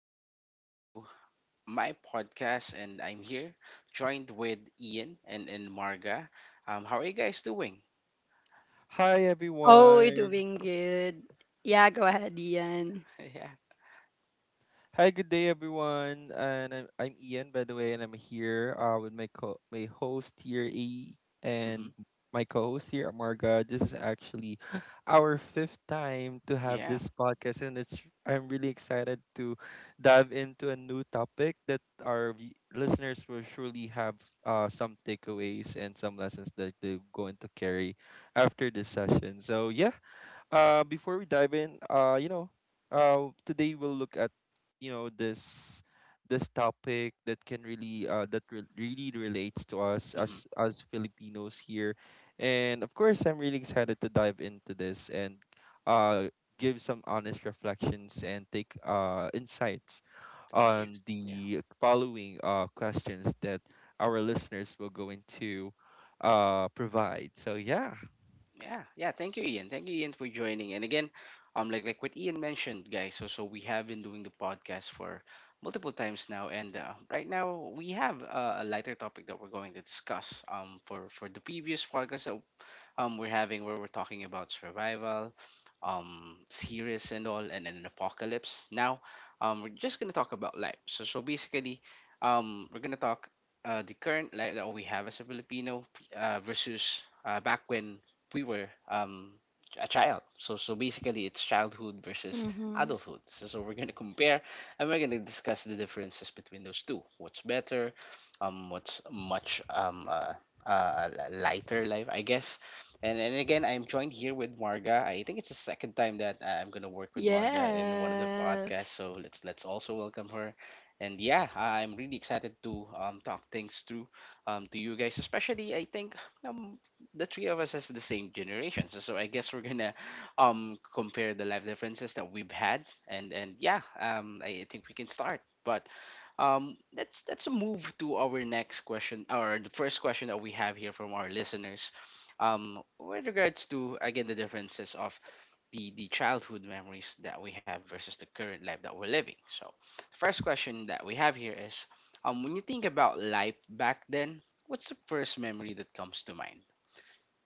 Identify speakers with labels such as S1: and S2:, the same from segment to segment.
S1: here again to my podcast, and I'm here joined with Ian and Marga. How are you guys doing?
S2: Hi
S3: Oh, we're
S2: everyone.
S3: doing good. Yeah, go ahead, Ian.
S1: Yeah.
S2: Hi, good day everyone. And I'm Ian by the way, and I'm here with my host here E
S1: Mm-hmm.
S2: and my co-host here Amarga. This is actually our fifth time to have
S1: Yeah.
S2: this podcast, and it's I'm really excited to dive into a new topic that our listeners will surely have some takeaways and some lessons that they're going to carry after this session. So before we dive in, today we'll look at you know this this topic that can really really relates to us
S1: Mm-hmm.
S2: as Filipinos here. And of course, I'm really excited to dive into this and uh give some honest reflections and take insights
S1: Thank you.
S2: on
S1: Yeah.
S2: the following questions that our listeners will go into provide. So yeah.
S1: Yeah. Yeah. Thank you, Ian. Thank you, Ian, for joining. And again, like what Ian mentioned, guys. So we have been doing the podcast for multiple times now, and right now we have a lighter topic that we're going to discuss. For the previous podcast that we're having where we're talking about survival, series and all, and then an apocalypse. Now, we're just gonna talk about life. So basically, we're gonna talk the current life that we have as a Filipino versus back when we were a child. So basically, it's childhood versus
S3: Mm-hmm.
S1: adulthood. So we're gonna compare and we're gonna discuss the differences between those two. What's better? What's much a lighter life, I guess, and again, I'm joined here with Marga. I think it's the second time that I'm gonna work with Marga in one of the podcasts.
S3: Yes.
S1: So let's also welcome her. And yeah, I'm really excited to talk things through to you guys. Especially, I think um, the three of us is the same generation. So I guess we're gonna compare the life differences that we've had. And yeah, I think we can start. But let's move to our next question, or the first question that we have here from our listeners. With regards to again the differences of the childhood memories that we have versus the current life that we're living. So, first question that we have here is, when you think about life back then, what's the first memory that comes to mind?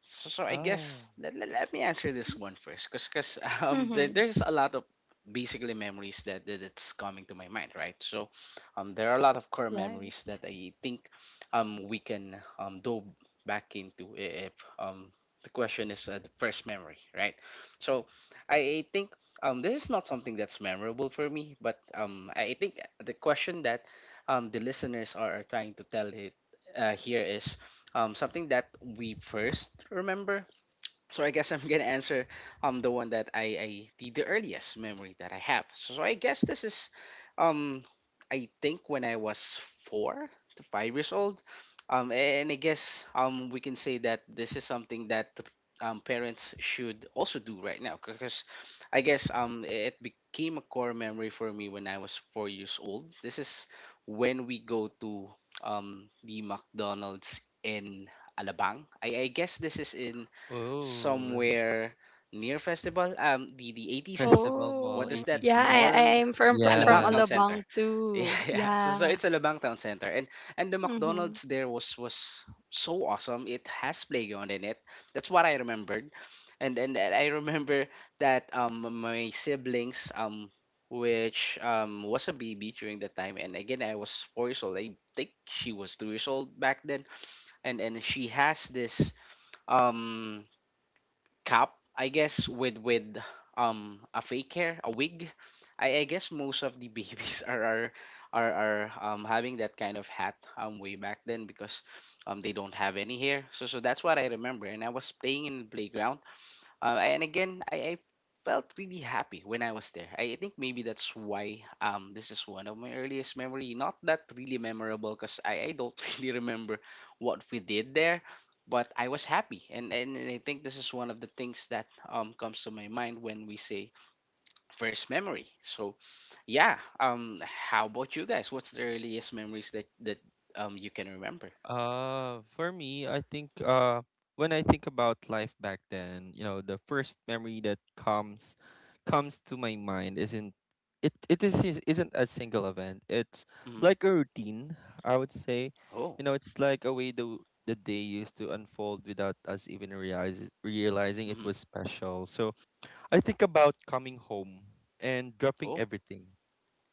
S1: So, so I guess
S2: Oh.
S1: let me answer this one first, cause
S3: Mm-hmm.
S1: there's a lot of basically memories that that's coming to my mind, right? So, there are a lot of core
S3: Right.
S1: memories that I think we can dove back into if um the question is the first memory, right? So I think this is not something that's memorable for me, but I think the question that the listeners are trying to tell it here is something that we first remember, so I guess I'm gonna answer the one that I the earliest memory that I have. So, so I guess this is um I think when I was 4 to 5 years old. And I guess we can say that this is something that parents should also do right now because I guess it became a core memory for me when I was 4 years old. This is when we go to the McDonald's in Alabang. I guess this is in
S2: Oh.
S1: somewhere near festival, the atc
S2: Festival Mall,
S1: what is
S3: Oh,
S1: that
S3: yeah.
S2: ATC.
S1: mall,
S3: I am from
S1: Alabang
S2: Yeah.
S1: Town Center,
S3: Alabang
S1: yeah.
S3: too.
S1: Yeah. So, so
S3: Yeah.
S1: it's Alabang Town Center, and the
S3: Mm-hmm.
S1: McDonald's there was so awesome. It has playground in it. That's what I remembered, and I remember that my siblings, which was a baby during that time, and again I was 4 years old. I think she was 2 years old back then, and she has this um cap, I guess, with a fake hair, a wig. I guess most of the babies are having that kind of hat way back then because they don't have any hair, so so that's what I remember, and I was playing in the playground. And again, I felt really happy when I was there. I think maybe that's why, this is one of my earliest memory. Not that really memorable because I don't really remember what we did there, but I was happy. And I think this is one of the things that comes to my mind when we say first memory. So, yeah, how about you guys? What's the earliest memories that you can remember?
S2: For me, I think when I think about life back then, you know, the first memory that comes to my mind isn't it it is- isn't a single event. It's
S1: Hmm.
S2: like a routine, I would say. You
S1: Oh.
S2: know, it's like a way the day used to unfold without us even realizing it
S1: Hmm.
S2: was special. So I think about coming home and dropping
S1: Oh.
S2: everything,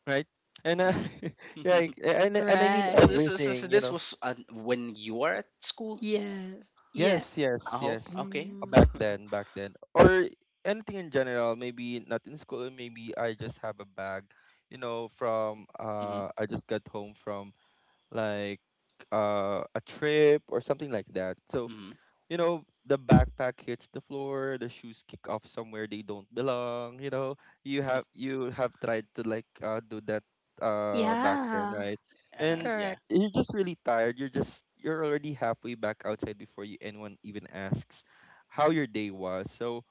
S2: right? And
S1: Hmm.
S2: yeah, like, and I mean
S1: So
S3: Right.
S1: this is
S2: everything, you
S1: this
S2: know.
S1: was when you were at school.
S3: Yes.
S2: Yes,
S3: Yeah.
S2: yes,
S1: Oh,
S2: yes.
S1: okay.
S2: Uh,
S3: Mm.
S2: Back then, back then, or anything in general. Maybe not in school. Maybe I just have a bag, you know. From
S1: Mhm.
S2: I just got home from like a trip or something like that. So
S1: Mhm.
S2: you know, the backpack hits the floor, the shoes kick off somewhere they don't belong, you know. You have you have tried to like do that back then,
S3: Yeah.
S2: right?
S1: Uh-huh.
S2: And
S1: Yeah.
S3: Correct.
S2: you're just really tired. You're already halfway back outside before you anyone even asks how your day was. So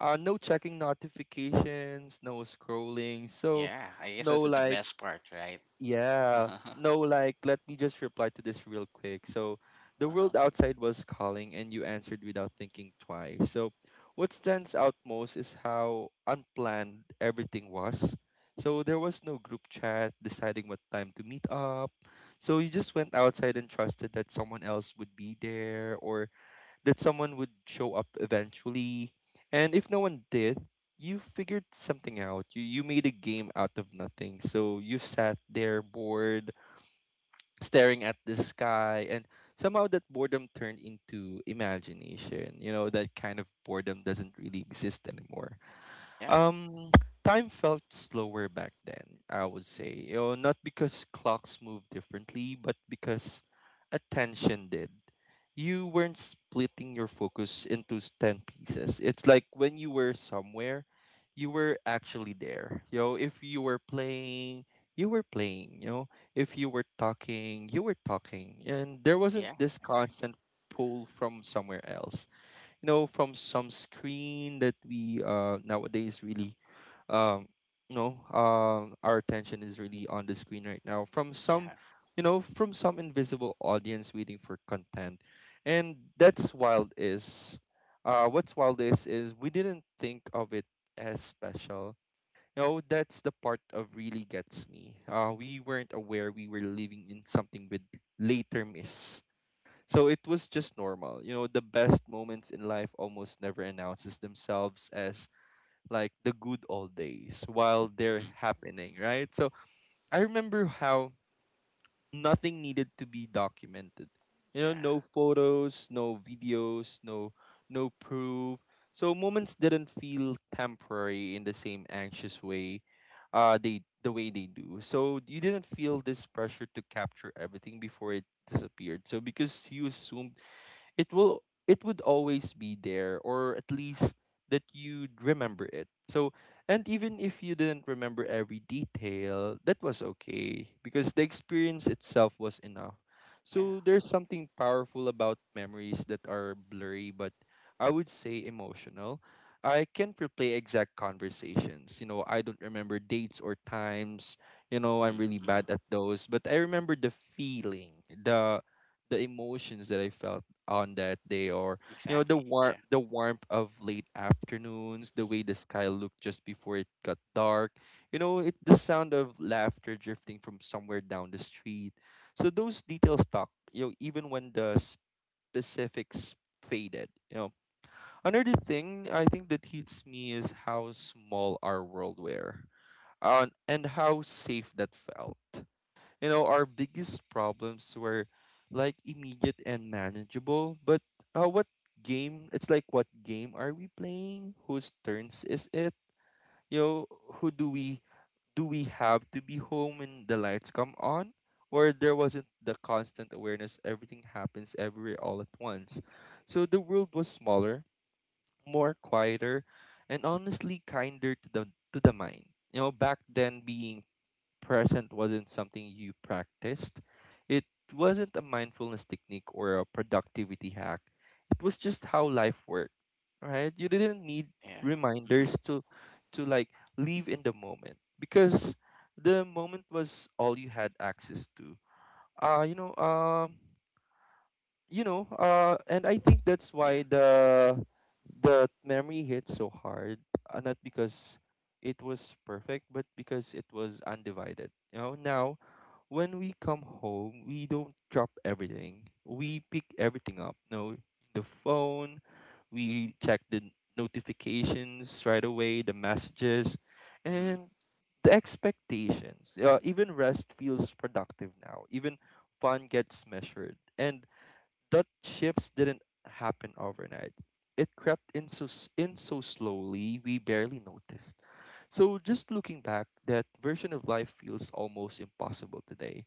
S2: no checking notifications, no scrolling, so
S1: Yeah. I guess
S2: no
S1: this is the
S2: like
S1: best part, right?
S2: yeah.
S1: Uh-huh.
S2: No, like, let me just reply to this real quick. So, the world
S1: Uh-huh.
S2: outside was calling, and you answered without thinking twice. So, what stands out most is how unplanned everything was. So, there was no group chat deciding what time to meet up. So, you just went outside and trusted that someone else would be there, or that someone would show up eventually. And if no one did, you figured something out. You made a game out of nothing. So you sat there bored, staring at the sky, and somehow that boredom turned into imagination. You know, that kind of boredom doesn't really exist anymore.
S1: Yeah.
S2: Um, time felt slower back then, I would say. You know, not because clocks moved differently, but because attention did. You weren't splitting your focus into 10 pieces. It's like when you were somewhere, you were actually there. You know, if you were playing, you were playing. You know, if you were talking, you were talking. And there wasn't
S1: Yeah.
S2: this
S1: Exactly.
S2: constant pull from somewhere else, you know, from some screen that we nowadays really um our attention is really on the screen right now, from some
S1: Yeah.
S2: you know, from some invisible audience waiting for content. And that's wild is What's wild is we didn't think of it as special. You know, that's the part of really gets me. We weren't aware we were living in something with later miss, so it was just normal. You know, the best moments in life almost never announces themselves as like the good old days while they're
S1: Mhm.
S2: happening, right? So I remember how nothing needed to be documented. You know,
S1: Yeah.
S2: no photos, no videos, no proof. So moments didn't feel temporary in the same anxious way the way they do. So you didn't feel this pressure to capture everything before it disappeared. So because you assumed it will it would always be there, or at least that you'd remember it. So and even if you didn't remember every detail, that was okay because the experience itself was enough. So
S1: Yeah.
S2: there's something powerful about memories that are blurry but I would say emotional. I can't replay exact conversations, you know. I don't remember dates or times, you know. I'm
S1: Mhm.
S2: really bad
S1: Mhm.
S2: at those, but I remember the feeling, the emotions that I felt on that day, or you know
S1: Exactly. Yeah.
S2: the warmth of late afternoons, the way the sky looked just before it got dark, you know, it the sound of laughter drifting from somewhere down the street. So those details stuck, you know, even when the specifics faded, you know. Another thing I think that hits me is how small our world were, and how safe that felt. You know, our biggest problems were like immediate and manageable, but what game? It's like, what game are we playing? Whose turns is it? You know, who do we have to be home when the lights come on? Or there wasn't the constant awareness everything happens everywhere all at once. So the world was smaller, more quieter, and honestly kinder to the mind. You know, back then being present wasn't something you practiced. It wasn't a mindfulness technique or a productivity hack. It was just how life worked, right? You didn't need
S1: Yeah. Mhm.
S2: reminders to like live in the moment because the moment was all you had access to. Uh you know, um and I think that's why
S1: Yeah.
S2: the memory hit so hard. Not because it was perfect, but because it was undivided. You know, now when we come home, we don't drop everything. We pick everything up. No, the phone. We check the notifications right away, the messages,
S1: Mhm.
S2: and the expectations. Even rest feels productive now. Even fun gets measured, and that shifts didn't happen overnight. It crept in so slowly we barely noticed. So just looking back, that version of life feels almost impossible today,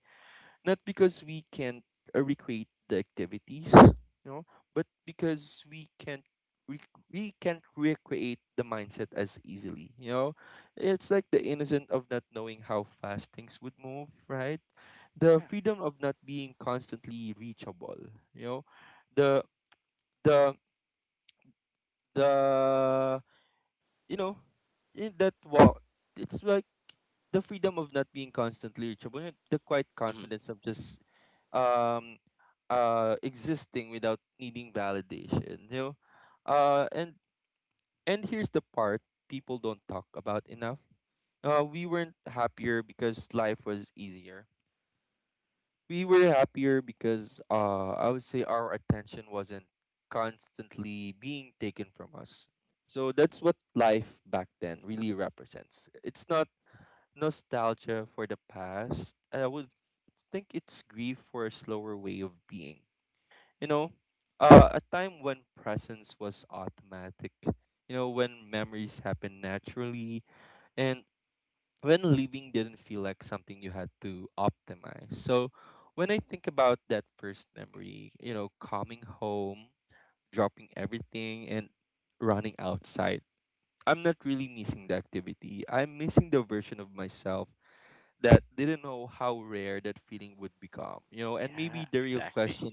S2: not because we can't recreate the activities, you know, but because we, we can't recreate the mindset as easily, you know. It's like the innocent of not knowing how fast things would move, right? The
S1: Yeah.
S2: freedom of not being constantly reachable, you know. The the the you know, in that wall, it's like The freedom of not being constantly reachable, and the quiet
S1: Mhm.
S2: confidence of just um existing without needing validation, you know. Uh and and here's the part people don't talk about enough. We weren't happier because life was easier, we were happier because I would say our attention wasn't constantly being taken from us. So that's what life back then really represents. It's not nostalgia for the past. I would think it's grief for a slower way of being. You know, a time when presence was automatic. You know, when memories happen naturally, and when leaving didn't feel like something you had to optimize. So when I think about that first memory, you know, coming home, dropping everything and running outside, I'm not really missing the activity. I'm missing the version of myself that didn't know how rare that feeling would become. You know, and maybe
S1: Yeah.
S2: the real
S1: Exactly.
S2: question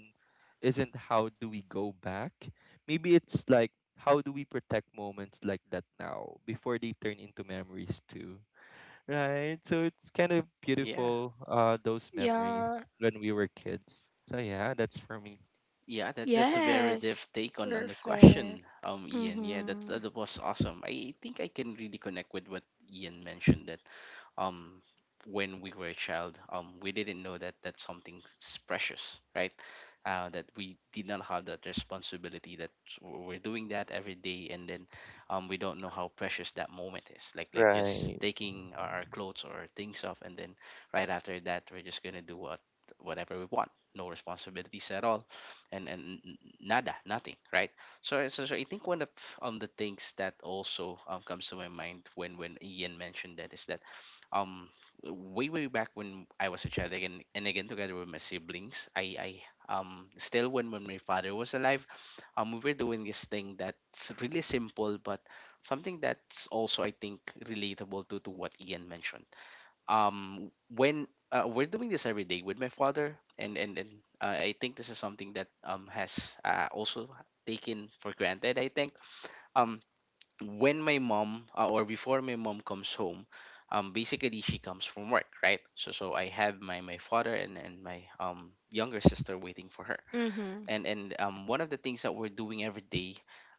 S2: isn't, how do we go back? Maybe it's like, how do we protect moments like that now before they turn into memories too? Right. So it's kind of
S1: Yeah.
S2: beautiful, those
S3: Yeah.
S2: memories when we were kids. So yeah, that's for me.
S1: Yeah, that's a very deep
S3: Yes.
S1: take on the
S3: Perfect.
S1: question, Ian. Yeah, that
S3: Mm-hmm.
S1: that was awesome. I think I can really connect with what Ian mentioned that, um, when we were a child, we didn't know that that something is precious, right? That we did not have that responsibility that we're doing that every day, and then, we don't know how precious that moment is. Just
S2: Right.
S1: taking our clothes or things off, and then right after that, we're just gonna do whatever we want, no responsibilities at all, and and n- nada, nothing, right? So, so I think one of the things that also, comes to my mind when Ian mentioned that is that, um way back when I was a child, again and again, together with my siblings, I still when my father was alive, we were doing this thing that's really simple but something that's also I think relatable to what Ian mentioned. When we're doing this every day with my father, and I think this is something that has also taken for granted, I think. um when my mom, or before my mom comes home, basically she comes from work, right? So so I have my my father and my younger sister waiting for her.
S3: Mm-hmm.
S1: And, one of the things that we're doing every day,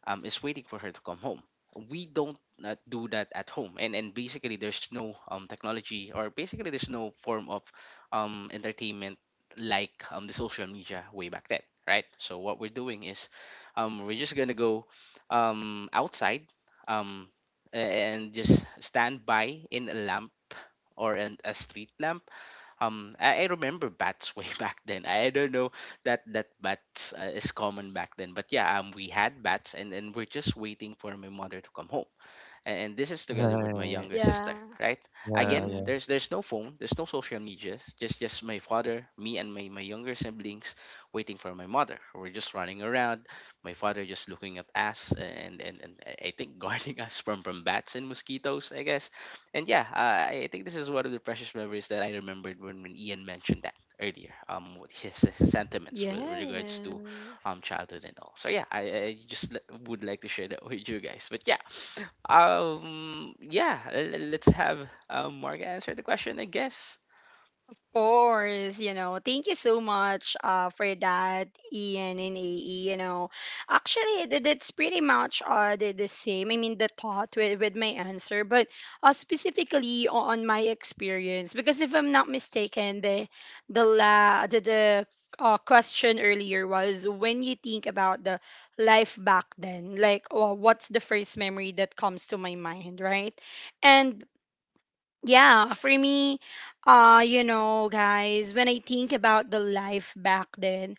S1: is waiting for her to come home. We don't do that at home, and basically there's no, technology, or basically there's no form of entertainment like, the social media way back then, right? So what we're doing is, we're just gonna go outside, um, and just stand by in a lamp or in a street lamp. I remember bats way back then. I don't know that that bats is common back then, but yeah, we had bats, and we're just waiting for my mother to come home, and this is together with my
S2: Right.
S1: younger sister,
S3: Yeah.
S1: right? Again,
S3: Mm-hmm.
S2: Yeah,
S1: there's no phone, there's no social medias, just my father, me, and my younger siblings waiting for my mother. We're just running around, my father just looking at us, and I think guarding us from bats and mosquitoes, I guess. And yeah, I think this is one of the precious memories that I remembered when Ian mentioned that earlier, what his sentiments with regards to
S3: Yes.
S1: childhood and all. So yeah, I would like to share that with you guys. But yeah, yeah, let's have, Marga answer the question, I guess.
S3: Course, you know. Thank you so much for that, Ian and AE. You know, actually, that's pretty much the same. I mean, the thought with my answer, but specifically on my experience, because if I'm not mistaken, the question earlier was, when you think about the life back then, like, oh, what's the first memory that comes to my mind, right? And yeah, for me, you know, guys, when I think about the life back then,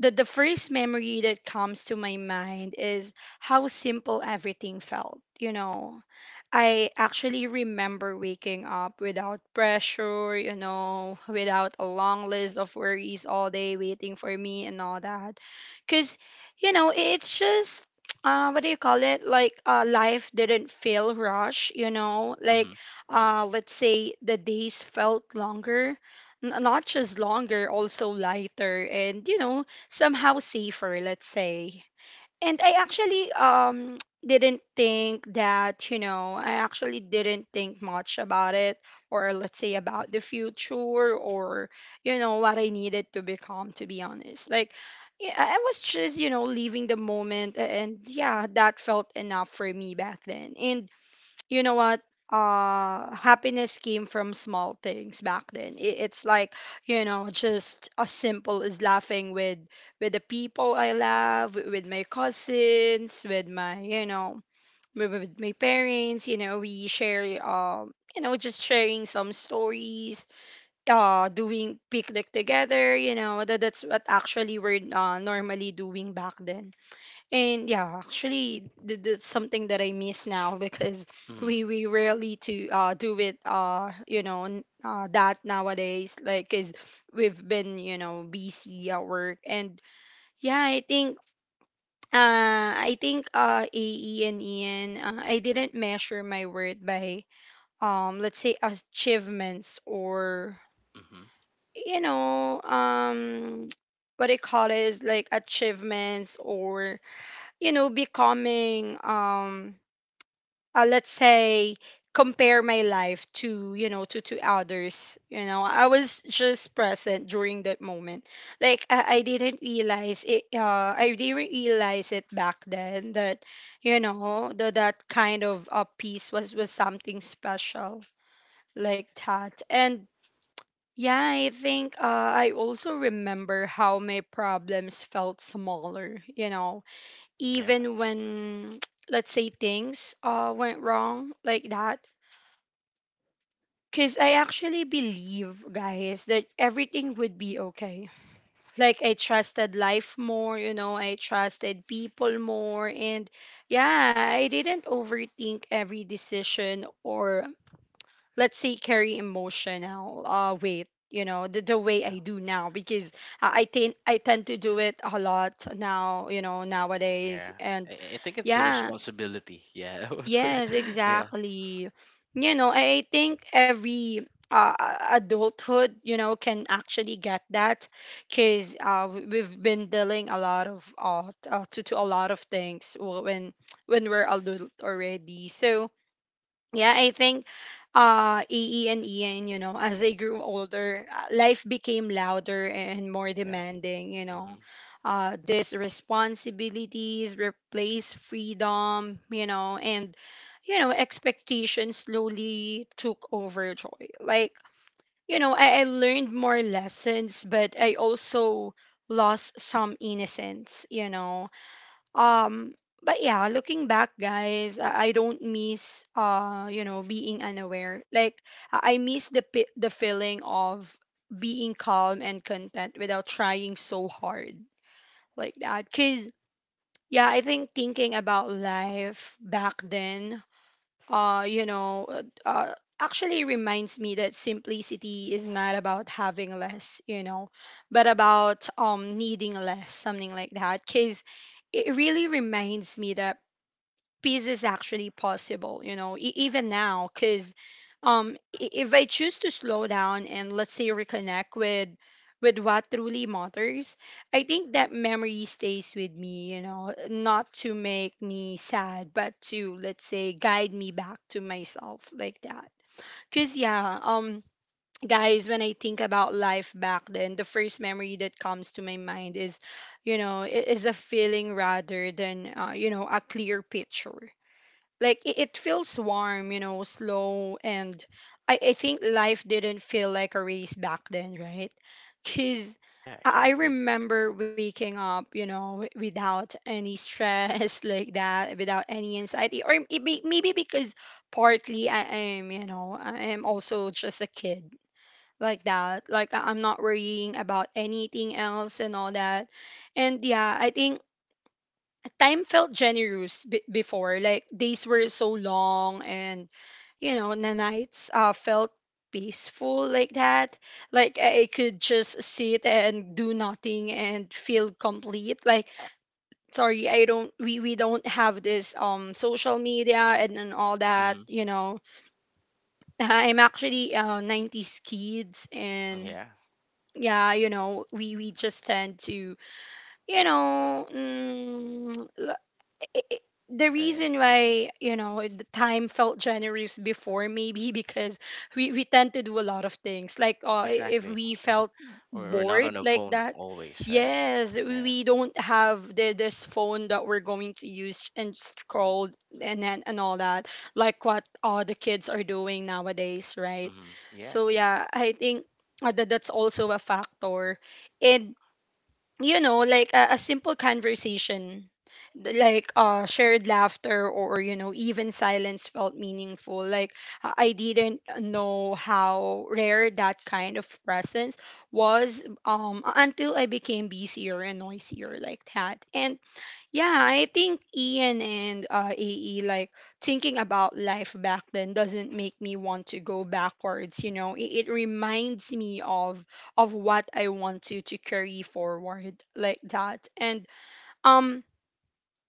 S3: the first memory that comes to my mind is how simple everything felt, you know. I actually remember waking up without pressure, you know, without a long list of worries all day waiting for me and all that. Because, you know, it's just, what do you call it? Like, life didn't feel rush, you know? Like,
S1: Mm-hmm. Mm-hmm.
S3: let's say the days felt longer. Not just longer, also lighter and, you know, somehow safer, let's say. And I actually didn't think that, you know, I actually didn't think much about it, or let's say about the future, or you know what I needed to become, to be honest. Like, yeah, I was just, you know, leaving the moment, and yeah, that felt enough for me back then. And you know what, happiness came from small things back then. It's like, you know, just as simple as laughing with the people I love, with my cousins, with my, you know, with my parents. You know, we share you know, just sharing some stories, doing picnic together. You know, that that's what actually we're normally doing back then. And yeah, actually, that's something that I miss now, because
S1: Mm-hmm.
S3: we rarely to do it, you know, that nowadays, like, cause we've been, you know, busy at work. And yeah, I think, I think, AE and Ian, I didn't measure my worth by, let's say, achievements, or
S1: Mm-hmm.
S3: you know, what I call it is like achievements, or you know, becoming, let's say, compare my life to, you know, to others. You know, I was just present during that moment. Like, I didn't realize it, I didn't realize it back then, that, you know, that that kind of, piece was something special, like that. And yeah, I think, I also remember how my problems felt smaller, you know,
S1: Yeah.
S3: even when, let's say, things went wrong, like that, because I actually believe, guys, that everything would be okay. like, I trusted life more, you know, I trusted people more. And yeah, I didn't overthink every decision, or let's say carry emotional weight, you know, the way I
S1: Yeah.
S3: do now, because I tend to do it a lot now, you know, nowadays.
S1: Yeah.
S3: And
S1: I think it's a
S3: yeah.
S1: responsibility. Yeah. What for-
S3: Yes,
S1: yeah.
S3: exactly. You know, I think every, adulthood, you know, can actually get that, because, we've been dealing a lot of, to a lot of things, when we're adult already. So, yeah, I think, EE and Ian, you know, as they grew older, life became louder and more
S1: Yeah.
S3: demanding, you know.
S1: Mm-hmm.
S3: These responsibilities replaced freedom, you know, and you know, expectations slowly took over joy, like, you know, I learned more lessons, but I also lost some innocence, you know. um, but yeah, looking back, guys, I don't miss, you know, being unaware. Like, I miss the feeling of being calm and content without trying so hard, like that. Cause yeah, I think thinking about life back then, uh, you know, uh, uh, actually reminds me that simplicity is not about having less, you know, but about needing less, something like that. Cause it really reminds me that peace is actually possible, you know, e- even now. Because if I choose to slow down and let's say reconnect with what truly matters, I think that memory stays with me. You know, not to make me sad, but to, let's say, guide me back to myself, like that. Because yeah, guys, when I think about life back then, the first memory that comes to my mind is, you know, is a feeling rather than, you know, a clear picture. Like, it feels warm, you know, slow. And I think life didn't feel like a race back then, right? Because i
S1: Yeah.
S3: I
S1: Exactly.
S3: remember waking up, you know, without any stress, like that, without any anxiety. Or it may, maybe because partly I am, you know, I am also just a kid, like that. Like, I'm not worrying about anything else and all that. And yeah, I think time felt generous before. Like, days were so long, and, you know, the nights, felt peaceful, like that. Like, I could just sit and do nothing and feel complete. Like, sorry, I don't. We don't have this social media and all that.
S1: Mm-hmm.
S3: You know, I'm actually 90s kids, and.
S1: Yeah.
S3: Yeah, you know, we just tend to, you know, i- i- the
S1: Uh,
S3: reason
S1: yeah.
S3: why, you know, the time felt generous before, maybe because we tend to do a lot of things, like, if
S1: Exactly.
S3: we felt
S1: We're not on
S3: bored,
S1: a
S3: like
S1: phone
S3: that.
S1: always, right?
S3: Yes, we
S1: Yeah.
S3: we don't have the, this phone that we're going to use and scroll, and then and all that, like what all the kids are doing nowadays, right?
S1: Mm-hmm. Yeah.
S3: So yeah, I think, that that's also a factor. And, you know, like, a simple conversation, like, shared laughter, or, you know, even silence felt meaningful. Like, I didn't know how rare that kind of presence was, until I became busier and noisier, like that. And yeah, I think Ian and, AE, like, thinking about life back then doesn't make me want to go backwards, you know. It reminds me of what I want to carry forward, like that. And um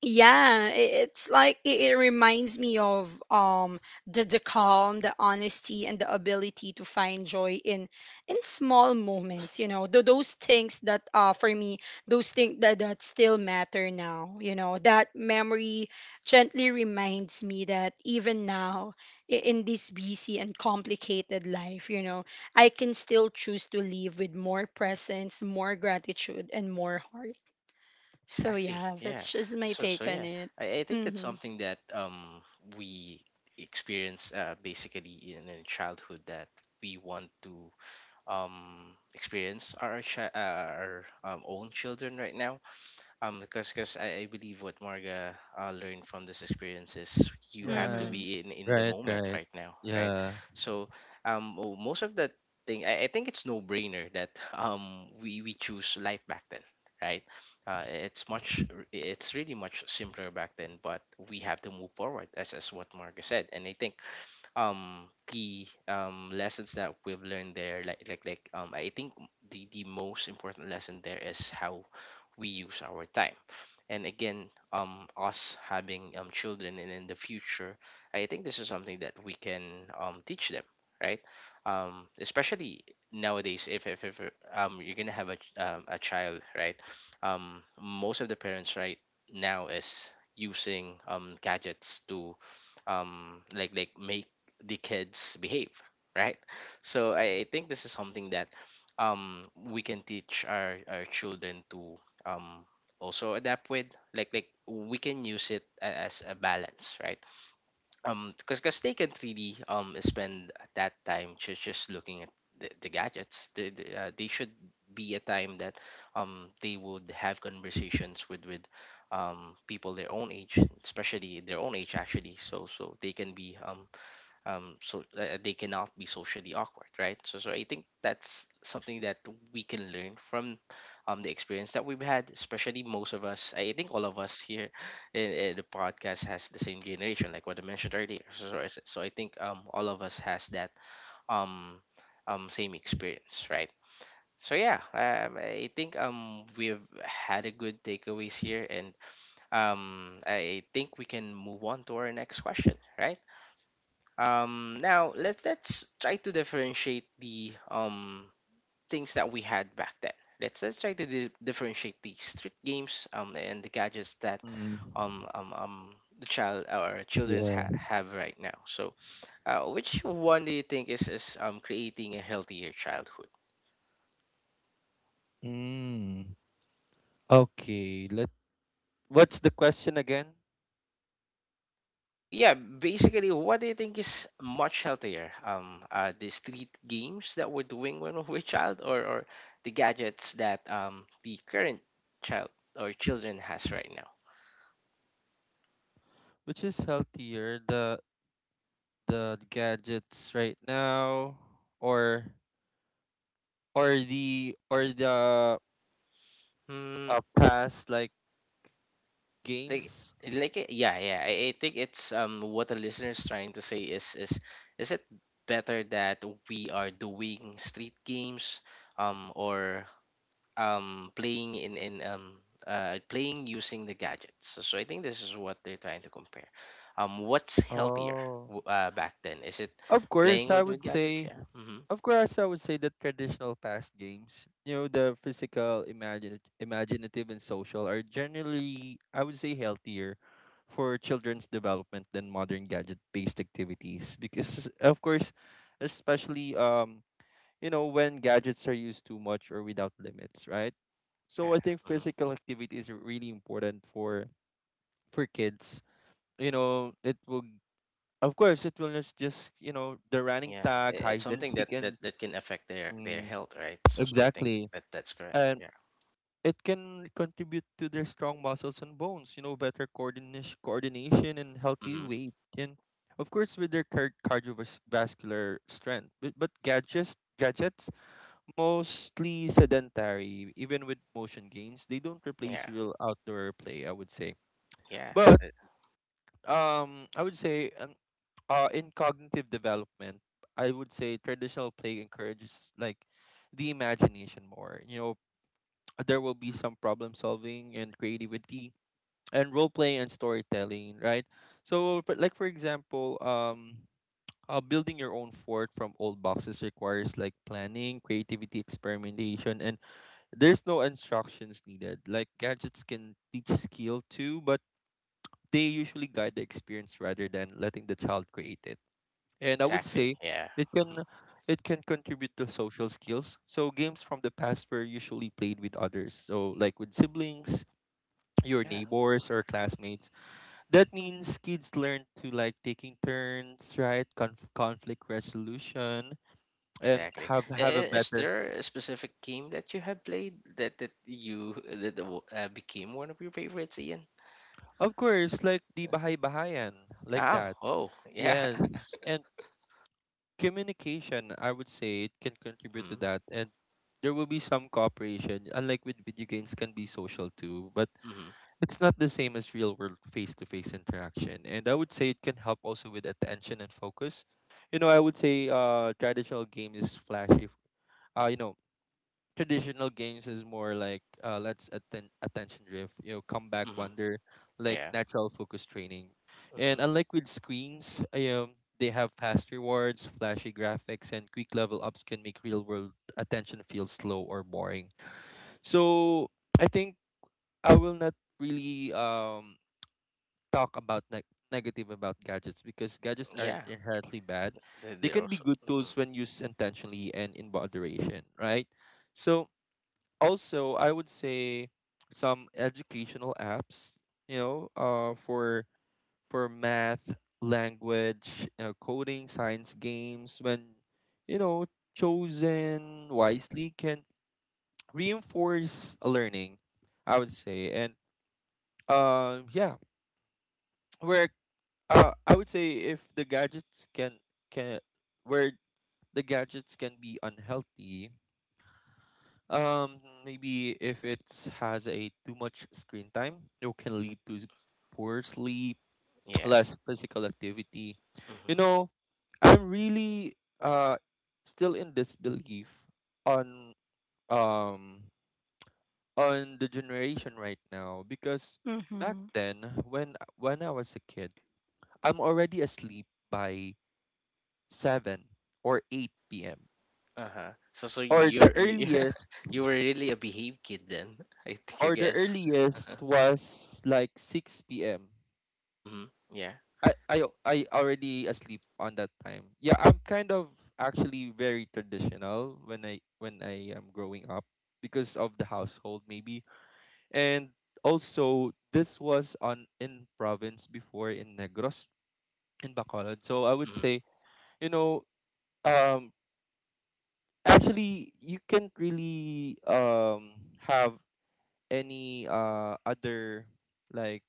S3: yeah, it's like, it reminds me of the calm, the honesty, and the ability to find joy in small moments. You know, Tho- those things that, for me, those things that that still matter now. You know, that memory gently reminds me that even now, in this busy and complicated life, you know, I can still choose to live with more presence, more gratitude, and more heart. So
S1: Exactly.
S3: yeah,
S1: Yeah.
S3: that's just my
S1: So
S3: take
S1: so
S3: on
S1: yeah,
S3: it.
S1: I think that's
S3: Mhm.
S1: something that we experience, basically in childhood, that we want to experience our our own children right now. Because I believe what Marga learned from this experience is you
S2: yeah.
S1: have to
S2: Right.
S3: Mhm.
S1: be in the
S2: Right,
S1: moment
S2: right.
S1: right now, right?
S2: Yeah.
S1: So oh, most of the thing I think it's no brainer that we choose life back then, right? It's much it's really much simpler back then, but we have to move forward as what Marga said, and I think the lessons that we've learned there, I think the most important lesson there is how we use our time. And again, us having children and in the future, I think this is something that we can teach them, right? Especially nowadays if you're gonna have a a child, right? Most of the parents right now is using gadgets to make the kids behave, right? So I think this is something that we can teach our children to um also adapt with. We can use it as a balance, right? Because they can't really spend that time just looking at the gadgets. They should be a time that they would have conversations with people their own age, especially their own age actually, so so they can be they cannot be socially awkward, right? So, so I think that's something that we can learn from the experience that we've had, especially most of us. I think all of us here in the podcast has the same generation, like what I mentioned earlier. So I think all of us has that um, same experience, right? So yeah, I think we've had a good takeaways here, and I think we can move on to our next question, right? Now let's try to differentiate the things that we had back then. Let's try to differentiate the street games and the gadgets that
S2: Mm,
S1: um um, um the child or children's
S2: yeah.
S1: have right now. So, which one do you think is creating a healthier childhood?
S2: Mm. Okay. Let what's the question again?
S1: So yeah, basically, what do you think is much healthier? The street games that we're doing when we were a child, or the gadgets that the current child or children has right now?
S2: Which is healthier, the gadgets right now, or or the
S1: Hmm,
S2: past like
S1: like
S2: games?
S1: yeah, yeah. I think it's what the listeners trying to say is is it better that we are doing street games or playing in playing using the gadgets. So, so I think this is what they're trying to compare. What's healthier
S2: Oh.
S1: back then? Is it
S2: Of course,
S1: playing
S2: I
S1: with
S2: would
S1: gadgets?
S2: say,
S1: Yeah. Hmm.
S2: of course, I would say that traditional past games, you know, the physical, imaginative, and social are generally, I would say, healthier for children's development than modern gadget-based activities. Because, of course, especially, you know, when gadgets are used too much or without limits, right?
S1: Yeah.
S2: So I think
S1: Hmm.
S2: physical activity is really important for kids. You know, it will of course, it will just you know the running
S1: Yeah. I-
S2: tag,
S1: It's
S2: hide and
S1: something that,
S2: seek,
S1: that
S2: and
S1: that can affect their
S2: mm,
S1: health, right? So so I think
S2: exactly,
S1: that that's correct.
S2: and
S1: Yeah.
S2: it can contribute to their strong muscles and bones. You know, better coordination, and healthy
S1: Hmm.
S2: weight, and of course with their cardiovascular strength. But gadgets, mostly sedentary, even with motion games, they don't
S1: Yeah.
S2: replace real outdoor play. I would say,
S1: Yeah.
S2: but
S1: e-
S2: I would say in cognitive development, I would say traditional play encourages like the imagination more. You know, there will be some problem solving and creativity and role play and storytelling, right? So like for example, building your own fort from old boxes requires like planning, creativity, experimentation, and there's no instructions needed. Like gadgets can teach skill too, but they usually guide the experience rather than letting the child create it. And I would
S1: Exactly.
S2: say
S1: Yeah.
S2: it
S1: Hmm.
S2: can it can contribute to social skills. So games from the past were usually played with others, so like with siblings, your
S1: Yeah.
S2: neighbors or classmates. That means kids learn to like taking turns, right? Conflict resolution and
S1: Exactly.
S2: have a
S1: Is
S2: better.
S1: there a specific game that you have played that became one of your favorites, Ian?
S2: Of course, like the bahay bahayan, like
S1: Oh,
S2: that.
S1: oh, yeah.
S2: Yes. And communication, I would say it can contribute to
S1: Mhm,
S2: that. And there will be some cooperation, unlike with video games, can be social too, but
S1: mhm,
S2: it's not the same as real world face to face interaction. And I would say it can help also with attention and focus. I would say traditional game is flashy. Uh, you know, Traditional games is more like let's attention drift, you know, comeback
S1: mhm,
S2: wonder, like
S1: yeah,
S2: natural focus training. And
S1: mhm,
S2: unlike with screens, they have fast rewards, flashy graphics, and quick level ups can make real world attention feel slow or boring. So I think I will not really talk about negative about gadgets because gadgets
S1: yeah.
S2: aren't inherently bad.
S1: They,
S2: They
S1: they're
S2: can be
S1: also,
S2: good
S1: mhm,
S2: tools when used intentionally and in moderation, right? So also I would say some educational apps, you know uh for for math, language, coding, science games, when you know chosen wisely can reinforce learning, I would say. And yeah where I would say if the gadgets can where the gadgets can be unhealthy. Maybe if it has a too much screen time, it can lead to poor sleep,
S1: yeah,
S2: less physical activity. You
S1: mhm,
S2: know, I'm really still in disbelief on um on the generation right now, because back
S3: Mhm.
S2: then when I was a kid, I'm already asleep by 7 or 8 p.m.,
S1: uh-huh. So, so
S2: or the
S1: you're you,
S2: earliest
S1: you were really a behave kid then, I think, I
S2: or the
S1: guess.
S2: earliest was like 6 p.m.
S1: Mhm, yeah,
S2: I I already asleep on that time. Yeah, I'm kind of actually very traditional when I am growing up, because of the household maybe. And also this was on in province before in Negros, in Bacolod. So I would
S1: mhm.
S2: say, you know, um actually you can't really have any other, like,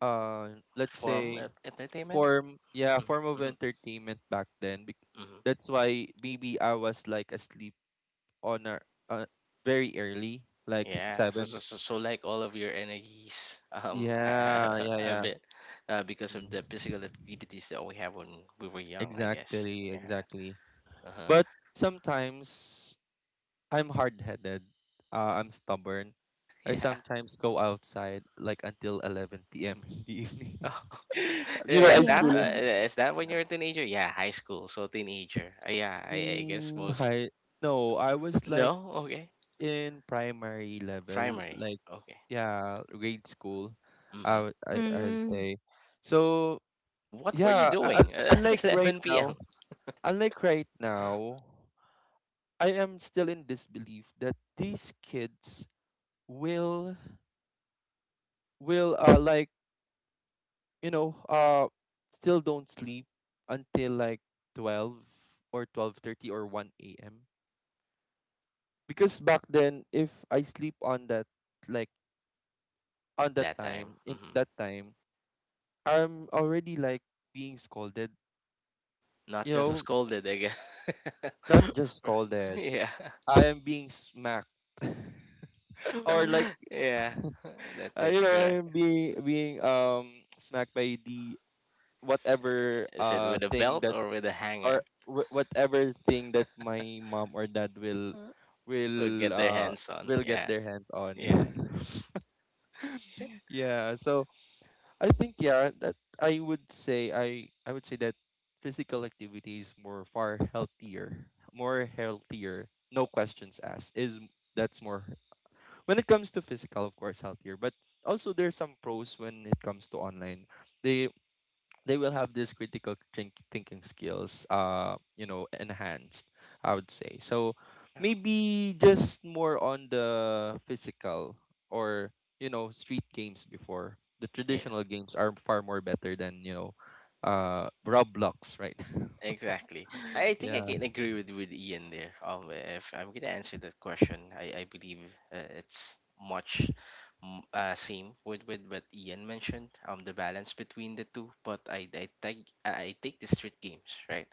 S2: uh let's
S1: Form
S2: say,
S1: of entertainment.
S2: form, yeah,
S1: Mhm,
S2: form of
S1: mhm,
S2: entertainment back then.
S1: mhm.
S2: That's why maybe I was like asleep on a, uh, very early, like
S1: Yeah. So,
S2: seven.
S1: so, so, so, like all of your energies,
S2: Yeah, yeah, yeah.
S1: have it, because
S2: Mm.
S1: of the physical activities that we have when we were young, I guess.
S2: Exactly,
S1: Yeah.
S2: exactly.
S1: Uh-huh.
S2: But sometimes I'm hard-headed, I'm stubborn. I
S1: Yeah.
S2: sometimes go outside like until 11 p.m. in the evening. You know,
S1: Yeah,
S2: I
S1: is
S3: Yeah.
S1: that
S2: still
S1: is that when you're a teenager? Yeah, high school, so teenager. Yeah, I guess
S2: mm,
S1: most.
S2: hi no, I was like
S1: No, okay,
S2: in primary level,
S1: primary.
S2: like
S1: Okay.
S2: yeah, grade school, I
S1: Mm-hmm.
S2: would I I'd
S3: Mhm.
S2: say. So
S1: What were you
S2: yeah,
S1: doing
S2: unlike
S1: at
S2: right
S1: 11
S2: now,
S1: p.m.
S2: unlike right now, I am still in disbelief that these kids will will like, you know uh still don't sleep until like 12 or 12:30 or one a.m. Because back then, if I sleep on that, like on
S1: like that time? Mm-hmm.
S2: that time, I'm already like being scolded,
S1: Not
S2: you
S1: just a
S2: know,
S1: scolded, I guess.
S2: not just scolded.
S1: Yeah,
S2: I am being smacked, or
S3: Mhm.
S2: like,
S1: yeah. That
S2: you
S1: that's
S2: know, I
S1: correct.
S2: am being smacked by the whatever
S1: Is it with a
S2: thing
S1: belt
S2: that,
S1: or with a hanger?
S2: or whatever thing that my mom or dad
S1: Uh, Would
S2: will
S1: get their
S2: uh
S1: hands on.
S2: will get
S1: Yeah,
S2: their hands on.
S1: yeah,
S2: Yeah, so I think, yeah, that I would say that physical activity is more far healthier, more healthier, no questions asked. That's more, when it comes to physical, of course, healthier. But also there's some pros when it comes to online. The they will have this critical thinking skills, you know, enhanced, I would say. So
S1: yeah,
S2: maybe just more on the physical, or, you know, street games before, the
S1: yeah.
S2: traditional games are far more better than, you know, Roblox, right?
S1: Exactly. I think I
S2: Yeah,
S1: can agree with Ian there. If I'm gonna answer that question, I believe it's much same with what Ian mentioned. The balance between the two. But I take the street games right.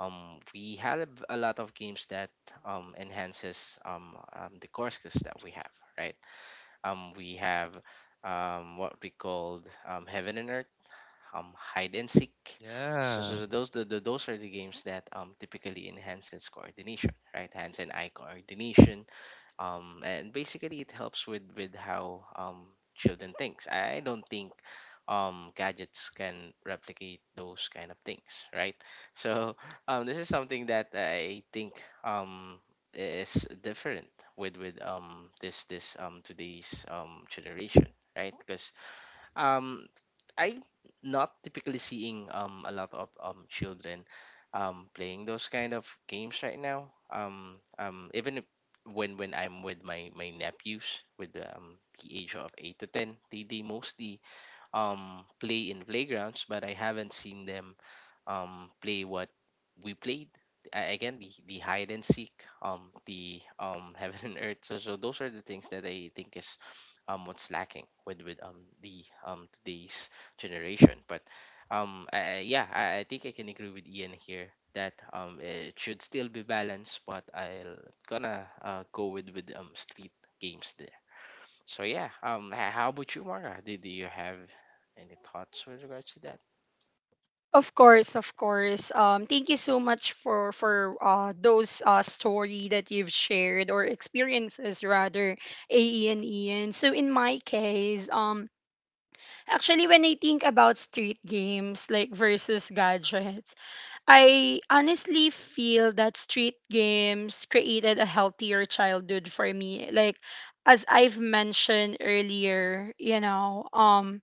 S1: We have a lot of games that enhances the core skills that we have right. We have what we called heaven and earth, hide and seek. So,
S2: yeah,
S1: those the, those are the games that typically enhances coordination, right? Hands and eye coordination. And basically, it helps with how children thinks. I don't think gadgets can replicate those kind of things, right? So this is something that I think um, is different with this this today's generation, right? Because um I am not typically seeing a lot of children playing those kind of games right now. Even if when I'm with my my nephews with the age of 8 to 10, they mostly play in playgrounds, but I haven't seen them play what we played. Again, the, hide and seek, the heaven and earth. So, so those are the things that I think is what's lacking with the today's generation. But yeah, I think I can agree with Ian here that it should still be balanced. But I'll gonna go with street games there. So yeah, how about you, Mara? Did you have any thoughts with regards to that?
S3: Of course, of course. Thank you so much for those story that you've shared, or experiences rather, AE and Ian. So in my case, actually when I think about street games, like, versus gadgets, I honestly feel that street games created a healthier childhood for me. Like, as I've mentioned earlier, you know, um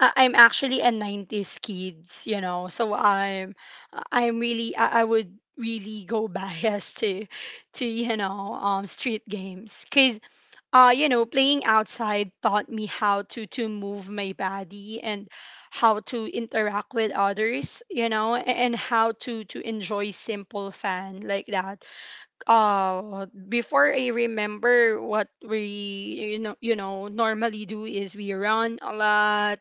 S3: I- I'm actually a 90s kids, you know. So I would really go biased to you know street games, cuz, you know, playing outside taught me how to move my body and how to interact with others, you know, and how to enjoy simple fun, like that. Before, I remember what we, you know, you know, normally do is we run a lot,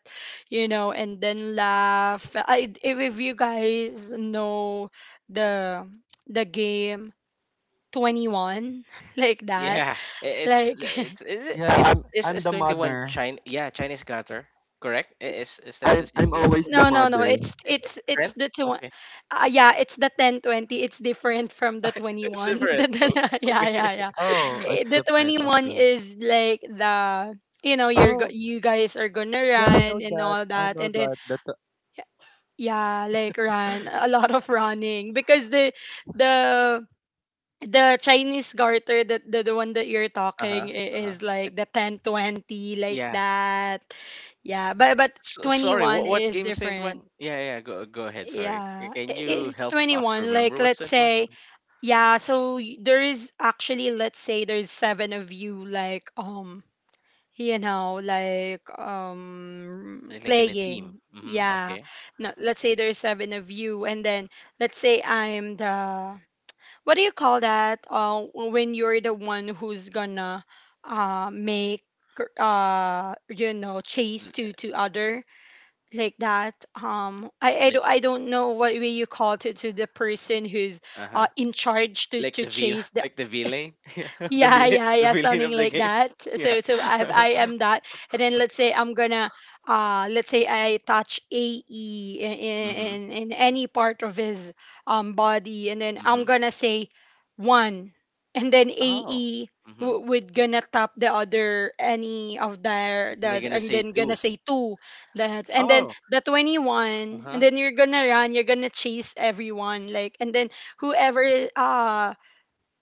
S3: you know, and then laugh. I, if you guys know the the game 21, like that.
S1: Yeah,
S3: Like,
S1: it's is it
S2: yeah. i'm i'm
S1: it's
S2: the
S1: 21
S2: mother.
S1: China. Yeah, Chinese Garter. Correct. Is that the
S2: i'm
S1: same
S2: i'm
S1: game?
S2: always the
S3: no, no, no,
S2: mother.
S3: it's
S1: It's
S3: it's
S1: different.
S3: the two,
S1: Okay,
S3: yeah, it's the 10-20. It's different from the
S1: it's
S3: 21.
S1: different.
S3: The- the- yeah,
S1: Okay.
S3: yeah, yeah.
S2: Oh,
S3: Eh,
S2: it's
S3: the
S2: different,
S3: 21
S2: okay.
S3: is like the, you know, you're
S2: Oh
S3: you guys are going to
S2: yeah, I know
S3: run and
S2: that,
S3: all
S2: I
S3: that,
S2: know
S3: and then,
S2: that. That
S3: yeah, like run, a lot of running, because the the Chinese garter, that the one that you're
S1: Uh huh.
S3: talking,
S1: Uh huh.
S3: is like
S1: It's
S3: the 10-20, like
S1: yeah.
S3: that. Yeah, but
S1: So, sorry.
S3: 21
S1: What
S3: is
S1: game is 21?
S3: different.
S1: Yeah, yeah. Go go ahead. Sorry.
S3: Yeah,
S1: Can you
S3: it's
S1: help us
S3: 21. Like,
S1: remember what's
S3: let's
S1: 21?
S3: say, yeah, so there is actually, let's say there's seven of you, like, you know, like,
S1: Like in a team.
S3: playing.
S1: Mm-hmm.
S3: Yeah.
S1: Okay.
S3: No, let's say there's seven of you, and then, let's say I'm the, what do you call that? When you're the one who's gonna, make, chase
S1: L-
S3: to other like that, um, I
S1: Like
S3: don't, I don't know what way you call to the person who's
S1: uh huh.
S3: in charge to
S1: Like
S3: to
S1: the vil
S3: chase the,
S1: like the villain. Yeah. The
S3: yeah
S1: villain.
S3: yeah
S1: The
S3: yeah
S1: villain of
S3: something
S1: the
S3: like
S1: game.
S3: that.
S1: Yeah.
S3: So I am that, and then let's say I'm gonna, let's say I touch AE in
S1: Mm-hmm.
S3: in, in any part of his body, and then I'm gonna say one, and then
S1: Oh.
S3: AE
S1: Mhm.
S3: would gonna tap the other, any of their
S1: And they're
S3: that,
S1: gonna
S3: and
S1: say
S3: then gonna
S1: two.
S3: say two, that, and then
S1: Oh.
S3: the 21, and
S1: Uh-huh.
S3: then you're gonna run, you're gonna chase everyone like. And then whoever, uh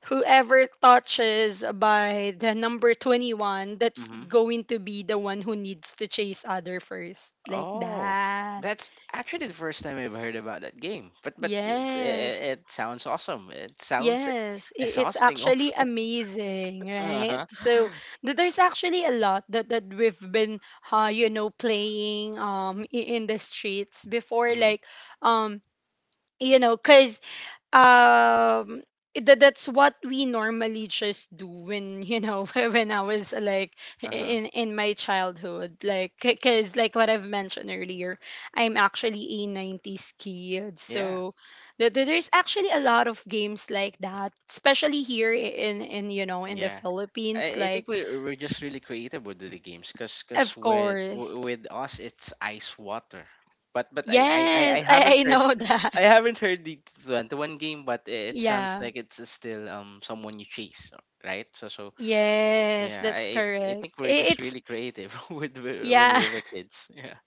S3: whoever touches by the number 21, that's
S1: Mhm.
S3: going to be the one who needs to chase other first. Like
S1: Oh.
S3: that.
S1: That's actually the first time I've heard about that game. But it's, it,
S3: Yes.
S1: it sounds awesome. It sounds
S3: Yes, it's
S1: exhausting
S3: actually
S1: also.
S3: amazing, right?
S1: Uh-huh.
S3: So th- there's actually a lot that, that we've been, playing in the streets before,
S1: Mhm.
S3: like, um you know, cause um that, that's what we normally just do, when you know, when I was like
S1: Uh-huh.
S3: in my childhood, like, because like what I've mentioned earlier, I'm actually a 90s kid.
S1: Yeah.
S3: So there's actually a lot of games like that, especially here in you know, in the
S1: Yeah.
S3: Philippines,
S1: I
S3: like.
S1: think we we're just really creative with the games because cause
S3: Of course.
S1: with us it's ice water. But I
S3: Yes.
S1: haven't
S3: I
S1: heard
S3: know that.
S1: I haven't heard the one game, but it sounds
S3: Yeah.
S1: like it's still someone you chase, right? So so
S3: Yes,
S1: yeah,
S3: that's
S1: I
S3: correct.
S1: think we're just
S3: It's,
S1: really creative when we
S3: yeah.
S1: were kids. Yeah,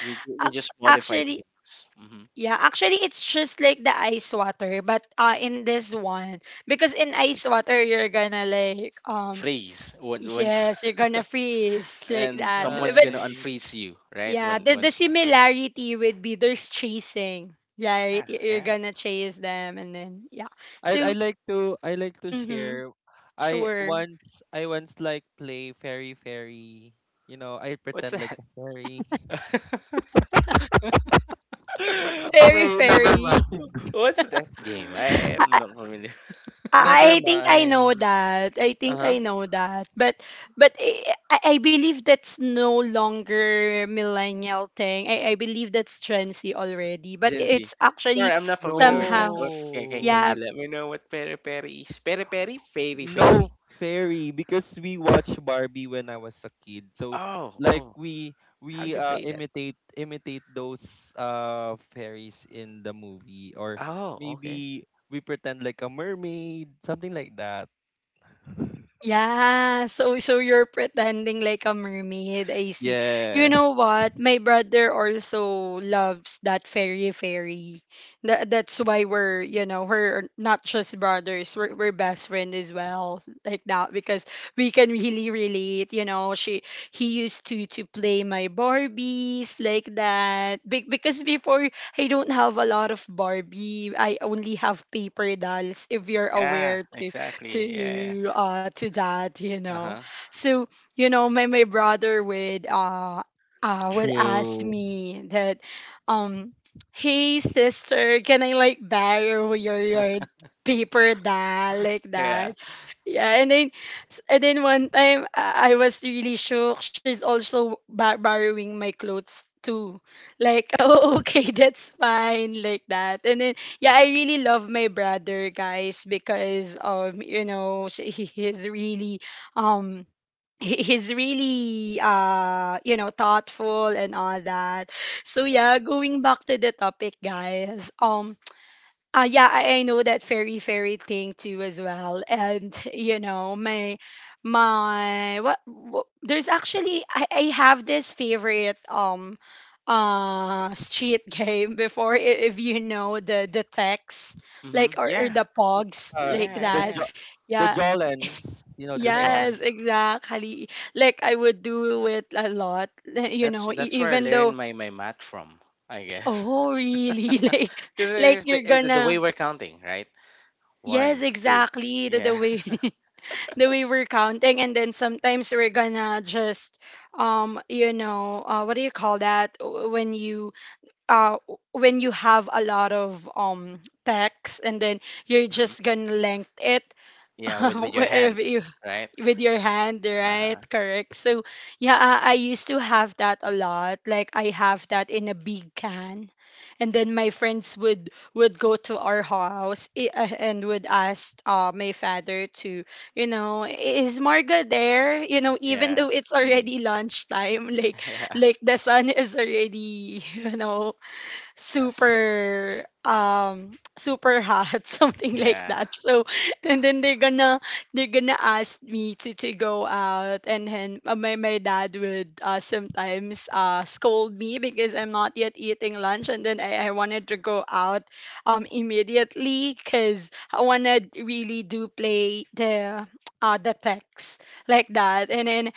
S1: we just modify the
S3: Actually,
S1: games. Hmm.
S3: yeah, actually, it's just like the ice water, but in this one, because in ice water you're gonna like
S1: Freeze when once.
S3: yes, you're gonna freeze, like
S1: And
S3: that.
S1: someone's
S3: But
S1: gonna
S2: right,
S1: unfreeze you right
S3: yeah,
S1: when
S3: the
S1: once.
S3: similarity would be there's chasing, right?
S1: Yeah,
S3: You're
S1: yeah.
S3: gonna chase them, and then yeah.
S2: I
S3: So,
S2: like to
S3: mm-hmm,
S2: share.
S3: sure,
S2: I once like play fairy fairy. You know, I
S1: What's
S2: pretend like
S1: that?
S2: a fairy.
S3: fairy
S2: Okay, never
S3: fairy.
S2: mind.
S1: What's that game? I am not familiar.
S2: Never
S3: I think I know
S2: mind.
S3: that. I think
S1: Uh-huh.
S3: I know that. But I believe that's no longer millennial thing. I believe that's trendy already. But
S1: Gen Z.
S3: it's
S1: Sorry,
S3: actually
S1: I'm not familiar with that.
S3: somehow,
S1: What
S2: No.
S1: can
S3: yeah.
S1: you let me know what peri peri is? Peri peri, fairy
S2: No,
S1: fairy.
S2: fairy, because we watched Barbie when I was a kid. So
S1: Oh,
S2: like,
S1: oh.
S2: we
S1: How you play that?
S2: imitate those fairies in the movie, or
S1: Oh,
S2: maybe
S1: okay.
S2: we pretend like a mermaid, something like that.
S3: Yeah, so so you're pretending like a mermaid. I see. You know
S2: Yes,
S3: what? My brother also loves that fairy fairy. That that's why we're, you know, we're not just brothers, we're best friend as well, like that, because we can really relate, you know. She, he used to play my Barbies like that. Be Because before, I don't have a lot of Barbie. I only have paper dolls, if you're
S1: Yeah,
S3: aware
S1: exactly. Yeah, yeah.
S3: to that, you know.
S1: Uh-huh.
S3: So you know, my brother would ask
S2: true.
S3: me that, um hey sister, can I like borrow your paper doll, like
S1: Yeah.
S3: that. Yeah, and then, and then one time I was really shook, she's also borrowing my clothes too, like. Oh okay, that's fine, like that. And then yeah, I really love my brother, guys, because you know, um he- he's really you know, thoughtful and all that. So yeah, going back to the topic, guys. Yeah, I know that fairy fairy thing too as well. And you know, my what, there's actually, I have this favorite street game before, if you know the text,
S1: Mm-hmm.
S3: like, or
S1: Yeah.
S3: the pogs,
S2: Uh,
S3: like
S1: Yeah,
S2: the
S3: that.
S1: yeah,
S2: jo the
S3: Yeah.
S2: Jolens, you know,
S1: yeah.
S2: the
S1: Yeah.
S2: Jolens.
S3: Yes, exactly. Like I would do it a lot, you know,
S1: That's where I
S3: even
S1: learned
S3: though,
S1: my my math from, I guess.
S3: oh really. like
S1: Because
S3: like you're
S1: it's the way
S3: gonna,
S1: we're counting, right?
S3: yes,
S1: One, two.
S3: exactly. The
S1: Yeah.
S3: way the way we're counting, and then sometimes we're gonna just what do you call that, when you, uh when you have a lot of text, and then you're
S1: Mm-hmm.
S3: just gonna length it,
S1: Yeah, with your hands,
S3: wherever you,
S1: right?
S3: with your hand,
S1: Uh-huh.
S3: right? Correct. So yeah, I used to have that a lot, like I have that in a big can, and then my friends would go to our house and would ask, my father to, you know, is Marga there? You know, even
S1: Yeah.
S3: though it's
S1: Mhm.
S3: already lunchtime, like
S1: Yeah.
S3: like the sun is already you know,
S1: S
S3: super super hot, something like
S1: Yeah.
S3: that. So, and then they're gonna, they're gonna ask me to go out, and then my, my dad would sometimes scold me because I'm not yet eating lunch, and then I wanted to go out immediately because I want to really do play the, the text, like that. And then,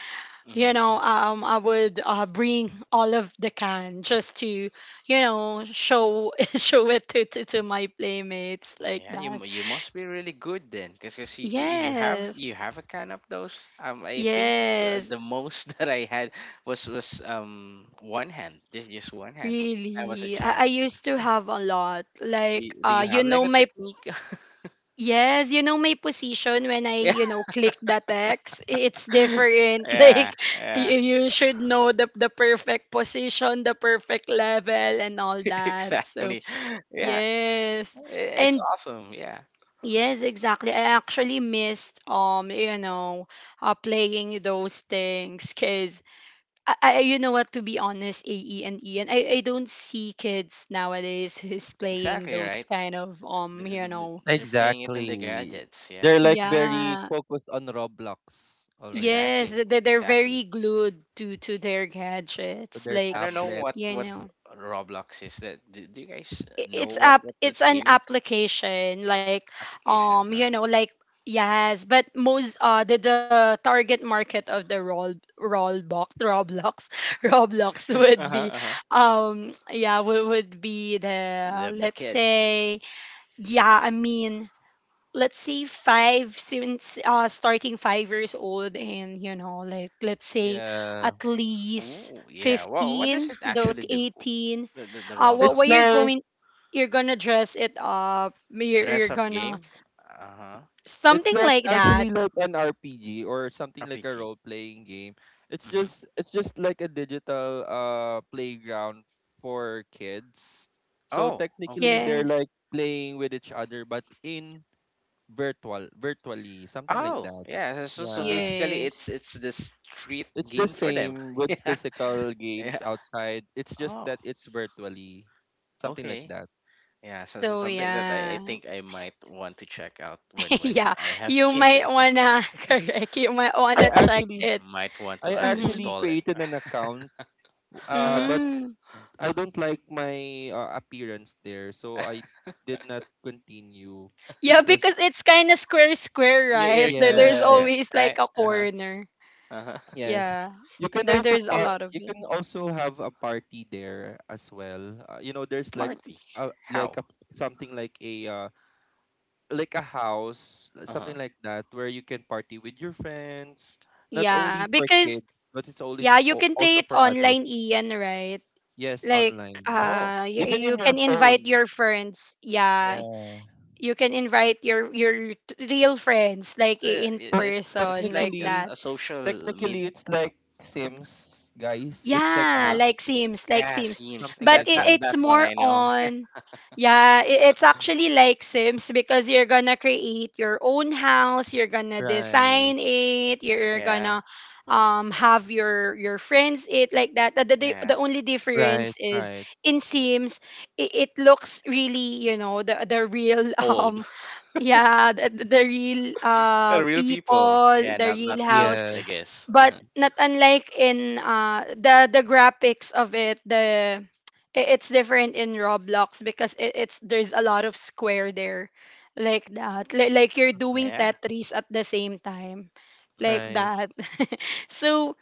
S3: you
S1: Mm-hmm.
S3: know I would bring all of the can just to, you know, show show it to, to my playmates, like
S1: Yeah.
S3: that.
S1: You must be really good then, because you
S3: Yes.
S1: you have a kind of those. I think
S3: Yes,
S1: the most that I had was one hand, just one hand when I was a
S3: really,
S1: child.
S3: I used to have a lot, like,
S1: Do you
S3: you
S1: have like
S3: know,
S1: a
S3: my,
S1: technique?
S3: yes, you know my position when I,
S1: Yeah.
S3: you know, click the text, it's different,
S1: Yeah.
S3: like,
S1: Yeah.
S3: you should know the perfect position, the perfect level, and all that. So
S1: Exactly. Yeah.
S3: yes.
S1: It's
S3: And
S1: awesome. Yeah.
S3: yes, exactly. I actually missed you know, playing those things because, I, you know what, to be honest, AE and E, and I don't see kids nowadays who's playing
S1: Exactly right.
S3: those kind of
S1: They're playing it in the
S2: Exactly.
S1: gadgets. Yeah.
S2: They're like very
S3: yeah,
S2: focused on Roblox already.
S3: yes,
S1: Exactly.
S3: they, they're
S1: Exactly.
S3: very glued to their
S2: So
S3: gadgets,
S2: their
S1: I
S3: like,
S1: don't know
S3: you
S1: what
S2: tablets.
S3: know.
S1: Roblox is. That do, do you guys know
S3: It's
S1: what
S3: app,
S1: that
S3: it's an
S1: game is?
S3: application, like,
S1: Application,
S3: um
S1: huh?
S3: you know like yes, but most the target market of the roll, rollbox, roblox roblox
S1: Uh huh.
S3: would be
S1: Uh huh.
S3: yeah, would be the,
S1: The
S3: let's
S1: kids.
S3: say, yeah I mean, let's say five, since starting 5 years old, and you know, like, let's say
S2: Yeah.
S3: at least
S1: Oh yeah. Well, what does
S3: 15
S1: it
S3: though
S1: actually
S3: to
S1: do?
S3: 18.
S1: The
S3: What
S2: It's
S3: what
S1: Roblox
S3: you're
S2: like
S3: going, you're gonna dress it up,
S1: dress
S3: you're
S1: up game.
S3: gonna,
S1: Uh huh.
S2: it's
S3: something
S2: like
S3: like that.
S2: actually like an RPG, or something, like a
S1: RPG.
S2: role playing game. It's
S1: Mm-hmm.
S2: just it's just like a digital playground for kids. So
S1: Oh
S2: technically
S1: okay.
S2: they're
S3: Yes.
S2: like playing with each other, but in virtually, something like
S1: Oh
S2: that.
S1: yeah. So so so
S2: Yeah.
S1: basically,
S3: Yes.
S1: it's the street
S2: It's the
S1: game for them.
S2: same with
S1: Yeah,
S2: physical games
S1: yeah.
S2: outside. It's just
S1: Oh
S2: that it's virtually, something like
S1: okay.
S2: that.
S1: Yeah, so, so
S3: So
S1: something that I
S3: yeah,
S1: think I might want to check out when
S3: yeah,
S1: I have a
S3: you
S1: kid.
S3: might wanna correct, you might
S2: I
S3: wanna check
S2: actually
S3: it.
S1: Might want to
S2: I
S3: Mm-hmm.
S2: actually
S1: uninstall it.
S2: created an account,
S1: Uh-huh.
S2: but
S3: Mm.
S2: I don't like my appearance there, so I did not continue
S3: Yeah, because
S2: because
S3: it's kind of square square,
S1: Your
S3: right? There, there's
S1: cube's there,
S2: yes,
S3: always
S1: right?
S3: like a
S1: Uh-huh.
S3: corner.
S1: Uh-huh.
S2: yes.
S3: Yeah.
S2: You can
S3: There
S2: also
S3: there's a
S2: par
S3: lot of
S2: you
S3: it.
S2: can also have a party there as well. You know, there's
S3: Mm.
S1: Party.
S2: like
S1: How?
S2: a something like a house,
S1: Uh-huh.
S2: something like that where you can party with your friends, not
S3: Yeah,
S2: only for
S3: because
S2: kids, but it's only
S3: yeah, you can play
S2: also
S3: it
S2: for adults.
S3: online, Ian, right?
S2: Yes,
S3: Like
S2: online.
S1: Oh,
S3: you,
S2: Even
S3: you
S2: in your
S3: can invite
S2: phone.
S3: your friends.
S2: Yeah.
S3: Yeah. You can invite your real friends like
S1: so yeah,
S3: in
S2: Tec-
S3: person,
S1: it's
S3: like
S1: like
S3: that.
S2: technically
S1: a social media
S2: Technically, it's
S1: also.
S2: like Sims, guys. It's like
S3: Yeah,
S1: Uh-huh.
S2: Sims,
S3: like Sims, like
S1: Yeah,
S3: Sims.
S1: seems
S2: something
S3: But
S1: that
S2: like
S3: it,
S1: that
S2: that.
S3: it's
S1: that one
S3: more
S1: I know.
S3: on, yeah, it, it's actually like Sims because you're gonna create your own house, you're gonna
S2: Right,
S3: design it, you're
S1: Yeah,
S3: gonna have your friends it, like that.
S1: yeah.
S3: The only
S2: right,
S3: difference is,
S2: right.
S3: in Sims, it looks really, you know, the real
S1: Old.
S3: yeah, the real
S1: Real people.
S3: people,
S1: Yeah,
S3: the
S1: not
S3: real
S1: not
S3: house.
S1: cubes, I
S2: Yes,
S1: guess.
S3: But
S1: Uh-huh.
S3: not unlike in the graphics of it, the, it's different in Roblox, because it, it's, there's a lot of square there, like that. Like you're doing
S2: mhm,
S1: Yeah.
S3: Tetris at the same time, like
S1: Hmm.
S2: right.
S3: that. So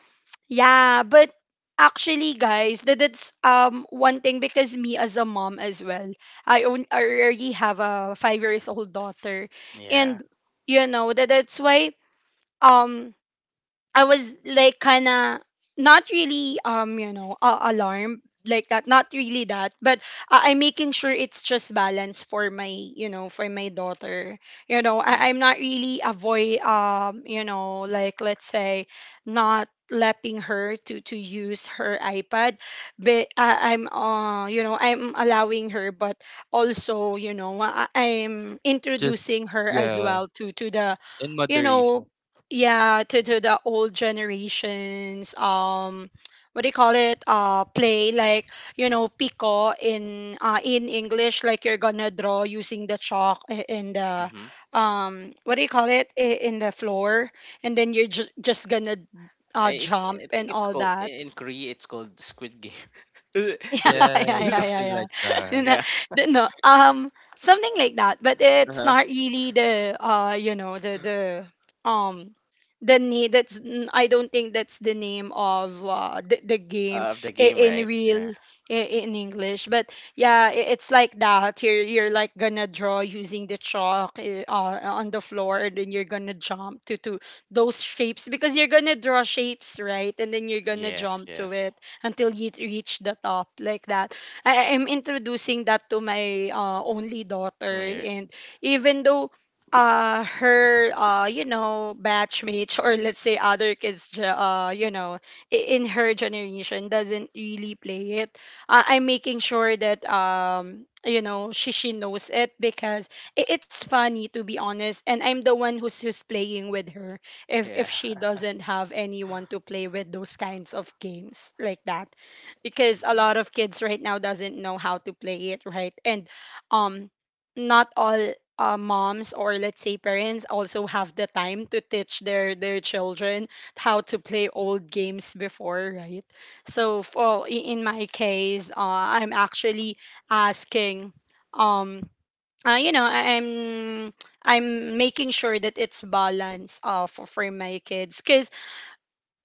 S3: yeah, but actually guys, that that's one thing, because me as a mom as well, I own I already have a 5 years old daughter,
S1: Yeah.
S3: and you know, that that's why um I was like kind of, not really you know alarmed, like that, not really that, but I'm making sure it's just balance for my, you know, for my daughter. You know I,
S1: Hmm.
S3: I'm not really avoid, you know, like let's say, not letting her to use her iPad. But I, I'm you know, I'm allowing her, but also you know, I, I'm
S2: Just,
S3: introducing her as
S2: yeah,
S3: well to the,
S2: in
S3: you know,
S2: moderation.
S3: yeah to the old generations, what do you call it, play, like, you know, pico in English, like you're gonna draw using the chalk in the,
S1: Hmm.
S3: what do you call it, in the floor, and then you're just gonna
S1: I it,
S3: jump
S1: I think
S3: and
S1: it's
S3: all
S1: called
S3: that.
S1: in Korea. It's called Squid Game. Is it?
S3: Yeah,
S2: Yeah,
S3: yeah,
S1: Is
S3: yeah, yeah,
S2: something
S3: yeah.
S2: like that.
S3: No,
S1: it?
S3: no, something like that. But it's
S1: Uh-huh.
S3: not really the um, the name. That's n- I don't think that's the name of the
S1: Of the
S3: game
S1: game, right?
S3: in
S1: Yeah.
S3: real, in English. But yeah, it's like that. You're like gonna draw using the chalk on the floor, and then you're gonna jump to those shapes, because you're gonna draw shapes, right? And then you're gonna
S1: Yes,
S3: jump
S1: yes.
S3: to it until you reach the top, like that. I am introducing that to my only
S1: Come
S3: daughter.
S1: here.
S3: And even though her you know batchmates, or let's say other kids you know in her generation doesn't really play it, I'm making sure that you know, she knows it, because it's funny, to be honest, and I'm the one who's who's playing with her
S1: Yeah.
S3: if she doesn't have anyone to play with, those kinds of games, like that. Because a
S1: Hmm.
S3: lot of kids right now doesn't know how to play it, right? And um not all moms, or let's say parents, also have the time to teach their children how to play old games before, right? So for in
S1: Yeah.
S3: my case, I'm actually asking um uh, you know, I- I'm I'm making sure that it's balanced for my kids. Cause,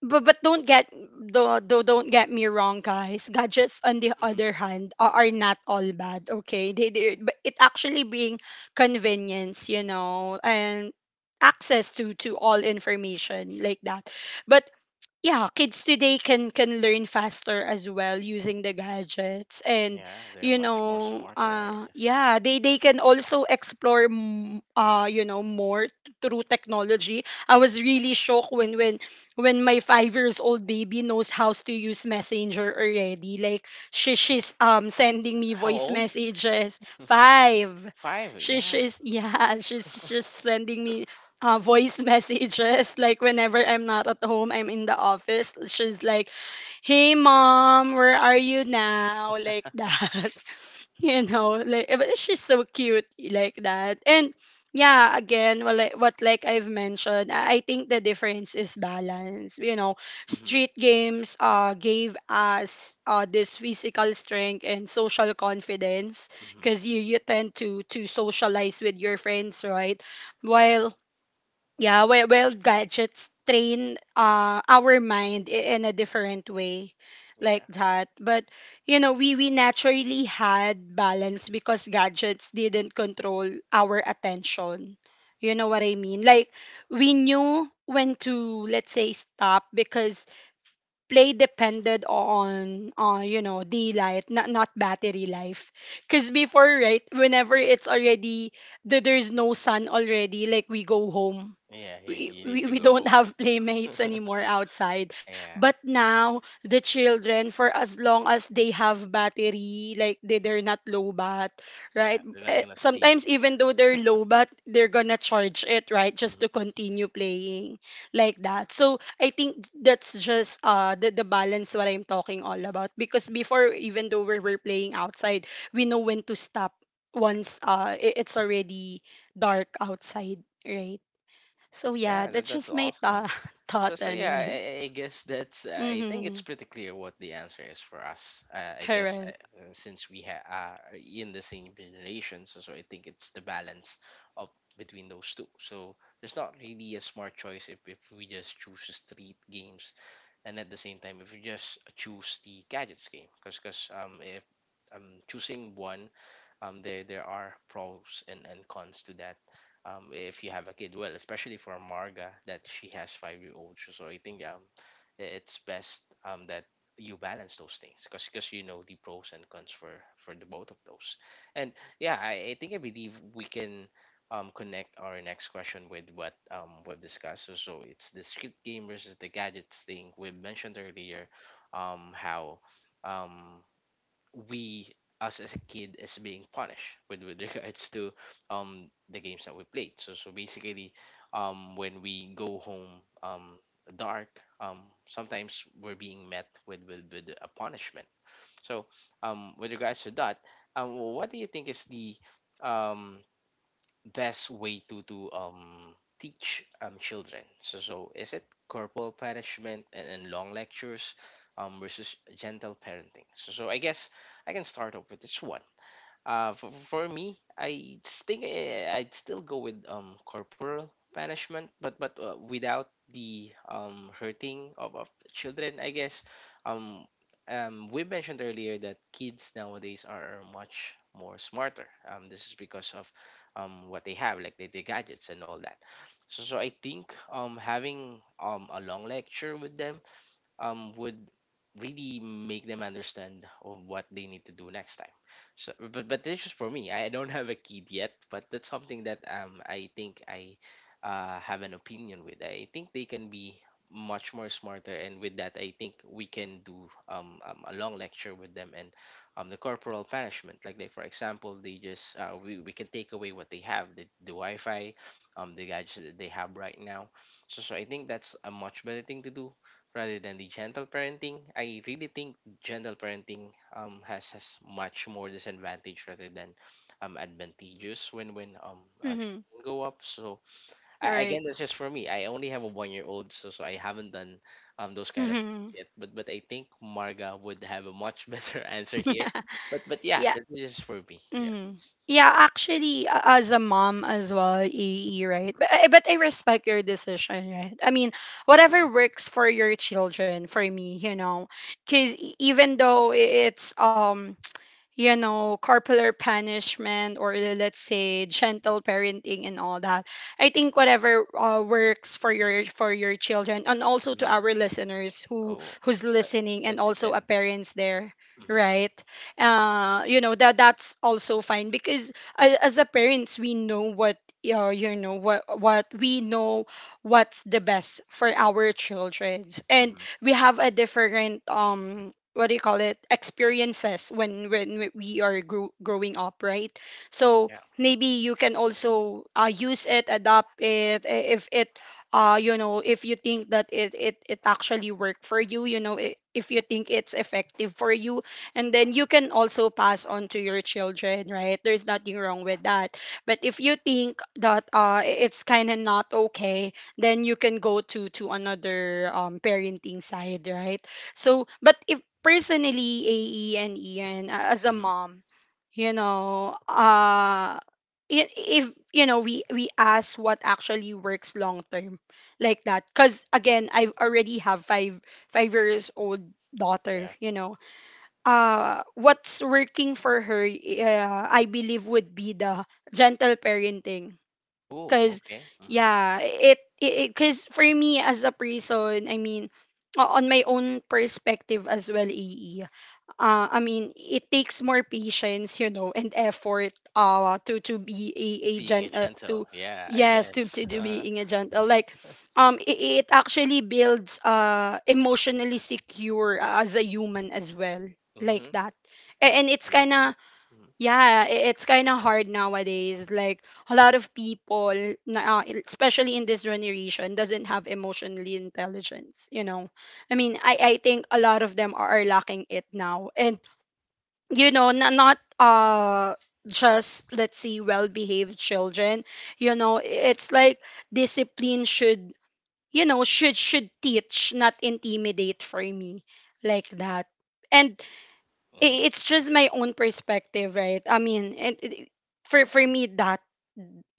S3: but don't get, don't get me wrong, guys. Gadgets on the
S1: Hmm.
S3: other hand are not all bad. Okay, they but it actually being convenience, and access to all information like that. But yeah, kids today can learn faster as well using the gadgets and
S1: Yeah, they're much more smarter, I guess.
S3: yeah, they can also explore more through technology. I was really shocked when my 5 years old baby knows how to use Messenger already. Like she's sending me
S1: How
S3: voice
S1: old?
S3: messages. 5.
S1: Five.
S3: she
S1: Yeah.
S3: she's yeah, she's just sending me voice messages. Like whenever I'm not at home, I'm in the office. She's like, "Hey, mom, where are you now?" Like that. Like, but she's so cute like that. And yeah, again, well, like, what, like I've mentioned, I think the difference is balance.
S1: Hmm.
S3: Street games gave us this physical strength and social confidence
S1: Hmm.
S3: because you tend to socialize with your friends, right?
S1: Yeah.
S3: while Yeah, well gadgets train our mind in a different way
S1: Yeah.
S3: like that. But we naturally had balance because gadgets didn't control our attention. You know what I mean? Like, we knew when to, let's say, stop because play depended on the life, not, not battery life. Because before, right, whenever it's already there's no sun already, like, we go home.
S1: Yeah. You,
S3: we,
S1: you need
S3: we,
S1: to
S3: we
S1: go
S3: don't
S1: home.
S3: have playmates anymore outside.
S1: Yeah.
S3: But now the children, for as long as they have battery, like, they're not low bat,
S1: Yeah.
S3: right?
S1: They're not gonna sleep.
S3: Sometimes even though they're low bat, they're gonna charge it, right, just
S1: Mm-hmm.
S3: to continue playing like that. So I think that's just the balance what I'm talking all about, because before, even though we were playing outside, we know when to stop once it's already dark outside, right? So yeah,
S1: Yeah, that,
S3: that's
S1: that's
S3: just my
S1: awesome. So,
S3: thought
S1: so
S3: on
S1: yeah,
S3: it.
S1: I guess that's, I think it's
S3: Mhm.
S1: pretty clear what the answer is for us. I guess
S3: Correct.
S1: since we ha are in the same generation, so, so I think it's the balance of between those two. So there's not really a smart choice if we just choose street games and at the same time if we just choose the gadgets game. Because if I'm choosing one, there are pros and cons to that. If you have a kid, well, especially for marga, that she has 5-year-old old, so I think it's best that you balance those things because you know the pros and cons for the both of those. And I think I believe we can connect our next question with what we've discussed. So it's the street game versus the gadgets thing we mentioned earlier. How um, we Us as a kid is being punished, with regards to the games that we played. So basically, when we go home, um dark, um sometimes we're being met with a punishment. So, with regards to that, what do you think is the um best way to teach children? So is it corporal punishment and long lectures versus gentle parenting? So I guess I can start off with this one. For me, I s- think eh, I'd still go with corporal punishment, but without the hurting of children, I guess. Um, we mentioned earlier that kids nowadays are much more smarter. This is because of what they have, like the gadgets and all that. So I think having a long lecture with them would really make them understand of what they need to do next time. But that's just for me. I don't have a kid yet, but that's something that I think I have an opinion with. I think they can be much more smarter, and with that, I think we can do a long lecture with them and the corporal punishment. Like for example, they just we can take away what they have, the Wi-Fi, the gadgets that they have right now. So I think that's a much better thing to do rather than the gentle parenting. I really think gentle parenting has much more disadvantage rather than advantageous when
S3: Mhm.
S1: children grow up. So,
S3: Right.
S1: again, that's just for me. I only have a 1-year-old old, so I haven't done those kind of things
S3: Mhm.
S1: yet. But I think Marga would have a much better answer here. But yeah,
S3: Yeah.
S1: that's just for me. Yeah.
S3: Mm. Yeah, actually, as a mom as well, AE, right? But, but I respect your decision, right? I mean,
S1: Uh
S3: whatever
S1: huh.
S3: works for your children, for me, because even though it's corporal punishment or, let's say, gentle parenting and all that. I think whatever works for your children, and also to
S1: Hmm.
S3: our listeners who
S1: Oh,
S3: who's
S1: so,
S3: listening
S1: so it
S3: and also a
S1: depends.
S3: parents there,
S1: Mm-hmm.
S3: right? You know that that's also fine because as a parents, we know what what we know what's the best for our children, and
S1: Mm-hmm.
S3: we have a different what do you call it experiences when we are growing up, right? So
S1: Yeah.
S3: maybe you can also use it, adopt it, if it, if you think that it actually worked for you, if you think it's effective for you, and then you can also pass on to your children, right, there's nothing wrong with that. But if you think that it's kind of not okay, then you can go to another parenting side, right? So, but if personally, AE and Ian, as a
S1: Mm-hmm.
S3: mom, you know, uh, if, we ask what actually works long term, like that. Cause again, I already have five five years old
S1: Yeah.
S3: daughter. You know, what's working for her, I believe, would be the gentle parenting.
S1: Oh,
S3: Cause
S1: okay. Mm-hmm.
S3: yeah, it because for me as a person, I mean, on my own perspective as well, EE. I mean, it takes more patience, and effort. To be a
S1: Being a
S3: gen
S1: gentle,
S3: to,
S1: yeah, I
S3: yes, to
S1: guess.
S3: to, to being a gentle. Like, it actually builds emotionally secure as a human as well like
S1: Mm-hmm.
S3: that.
S1: That's,
S3: And it's
S1: you
S3: kind
S1: know, yeah.
S3: of,
S1: Mm-hmm.
S3: yeah, it's kind of hard nowadays. Like, a lot of people, especially in this generation, doesn't have emotionally intelligence. I mean, I think a lot of them are lacking it now, and not just, let's see, well-behaved children. You know, i- it's like discipline should you know should teach, not intimidate, for me like that. And
S1: Mm-hmm.
S3: it's just my own perspective, right? I mean, for me that,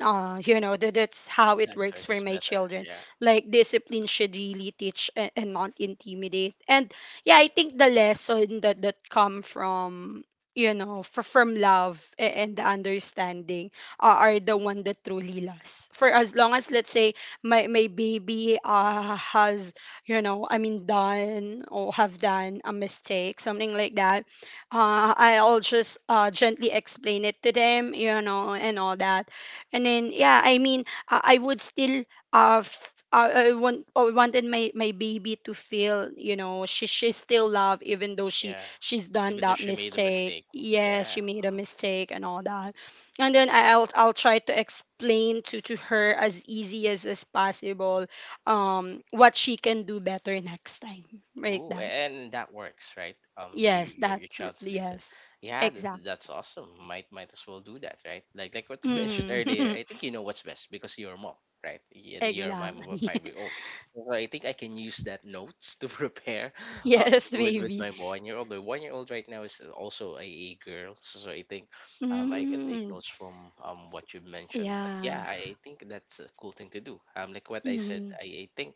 S3: that that's how it
S1: That
S3: works
S1: choice
S3: for
S1: is
S3: my
S1: better.
S3: children.
S1: Yeah,
S3: Like, discipline should really teach, and not intimidate. And yeah, I think the lesson that come from, from love and the understanding, are the one that truly lasts, for as long as, let's say, my baby has, I mean, done or have done a mistake, something like that. I'll just gently explain it to them, and all that. And then, yeah, I mean, I would still, I wanted my baby to feel, she's still loved even though she
S1: yeah.
S3: she's done
S1: Even though
S3: that
S1: she made a
S3: mistake.
S1: mistake.
S3: Yes,
S1: Yeah.
S3: she made a
S1: Mm-hmm.
S3: mistake and all that. And then I'll try to explain to her as easy as possible, what she can do better next time, like
S1: Ooh,
S3: that.
S1: and that works, right? You,
S3: Yes,
S1: your
S3: that's,
S1: child's listen.
S3: yes.
S1: Yeah, that,
S3: Exact.
S1: that's awesome. Might as well do that, right? Like what you mentioned earlier. I think you know what's best because you're a mom, right? And you're a mom of a
S3: Exactly.
S1: 5-year-old old. So I think I can use that notes to prepare, uh,
S3: Yes,
S1: with
S3: maybe.
S1: my 1-year-old old. My 1-year-old old right now is also a girl, so, so I think, I can take
S3: Mm.
S1: notes from what you mentioned. But
S3: Yeah.
S1: yeah, I think that's a cool thing to do. Like what I said,
S3: Mm.
S1: I think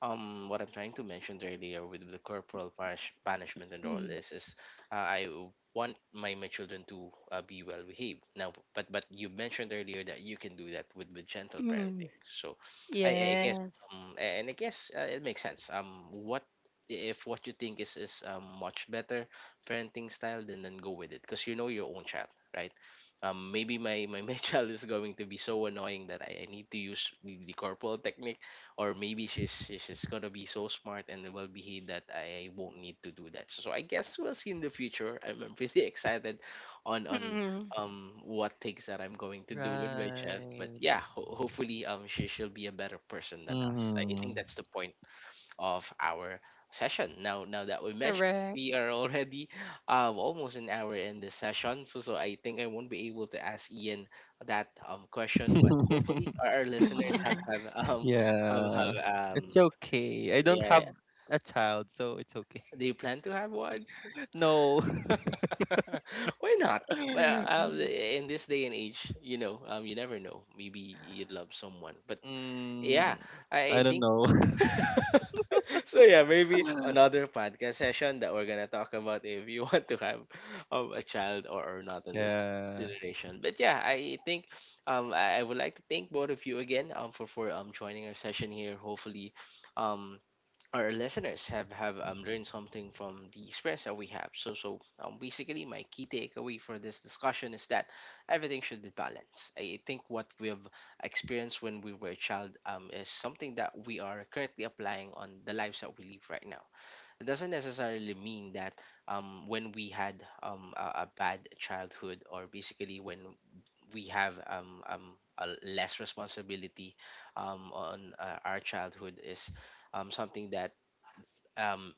S1: what I'm trying to mention earlier with the corporal punishment and all
S3: Mm.
S1: this is I want my children to be well behaved. Now, but you mentioned earlier that you can do that with gentle
S3: Mm.
S1: parenting. So, I guess
S3: Yes.
S1: and I guess it makes sense. What if what you think is a much better parenting style, then go with it because you know your own child, right? Maybe my my child is going to be so annoying that I need to use the corporal technique, or maybe she's gonna be so smart and well behaved that I won't need to do that. So I guess we'll see in the future. I'm pretty excited on on
S3: Mm.
S1: um what things that I'm going to do with my child. But
S2: Right.
S1: yeah, hopefully she'll be a better person than us. I
S2: Mm-hmm.
S1: think that's the point of our session. Now that we mentioned,
S3: Correct.
S1: we are already almost an hour in this session, so I think I won't be able to ask Ian that question, but hopefully our listeners have
S2: Yeah,
S1: have um
S2: it's okay. I don't have
S1: yeah.
S2: a child, so it's okay.
S1: Do you plan to have one?
S2: No.
S1: Why not? Well, in this day and age, you know, you never know. Maybe you would love someone, but
S2: Mm,
S1: yeah,
S2: I
S1: I
S2: don't
S1: think.
S2: know.
S1: So yeah, maybe another podcast session that we're gonna talk about if you want to have a child or, not in this
S2: Yeah.
S1: generation. But yeah, I think I would like to thank both of you again for joining our session here. Hopefully, um our listeners have learned something from the experience that we have. Basically, my key takeaway for this discussion is that everything should be balanced. I think what we have experienced when we were a child is something that we are currently applying on the lives that we live right now. It doesn't necessarily mean that when we had a bad childhood, or basically when we have a less responsibility on our childhood is something that um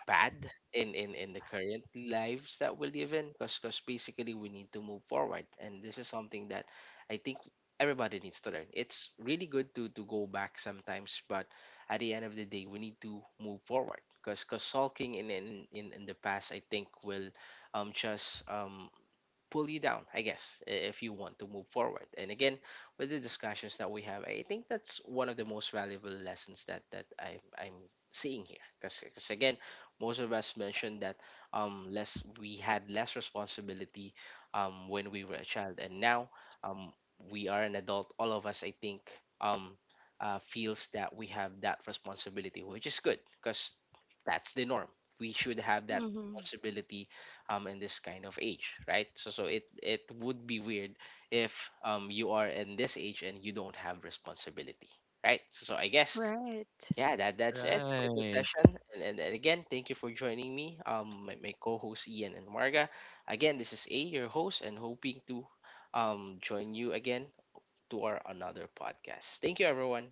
S1: bad in the current lives that we live in, because basically we need to move forward, and this is something that I think everybody needs to learn. It's really good to go back sometimes, but at the end of the day we need to move forward, because sulking in the past, I think, will just pull you down, I guess, if you want to move forward. And again, with the discussions that we have, I think that's one of the most valuable lessons that I'm seeing here. Because again, most of us mentioned that less we had less responsibility when we were a child, and now um we are an adult. All of us, I think, um feels that we have that responsibility, which is good because that's the norm. We should have that
S3: Mm.
S1: responsibility in this kind of age, right? So it it would be weird if you are in this age and you don't have responsibility, right? So I guess,
S3: Right.
S1: yeah, that that's it for this
S2: Right.
S1: session, and again thank you for joining me my co-host ian and marga. Again, this is a your host and hoping to join you again to our another podcast. Thank you everyone.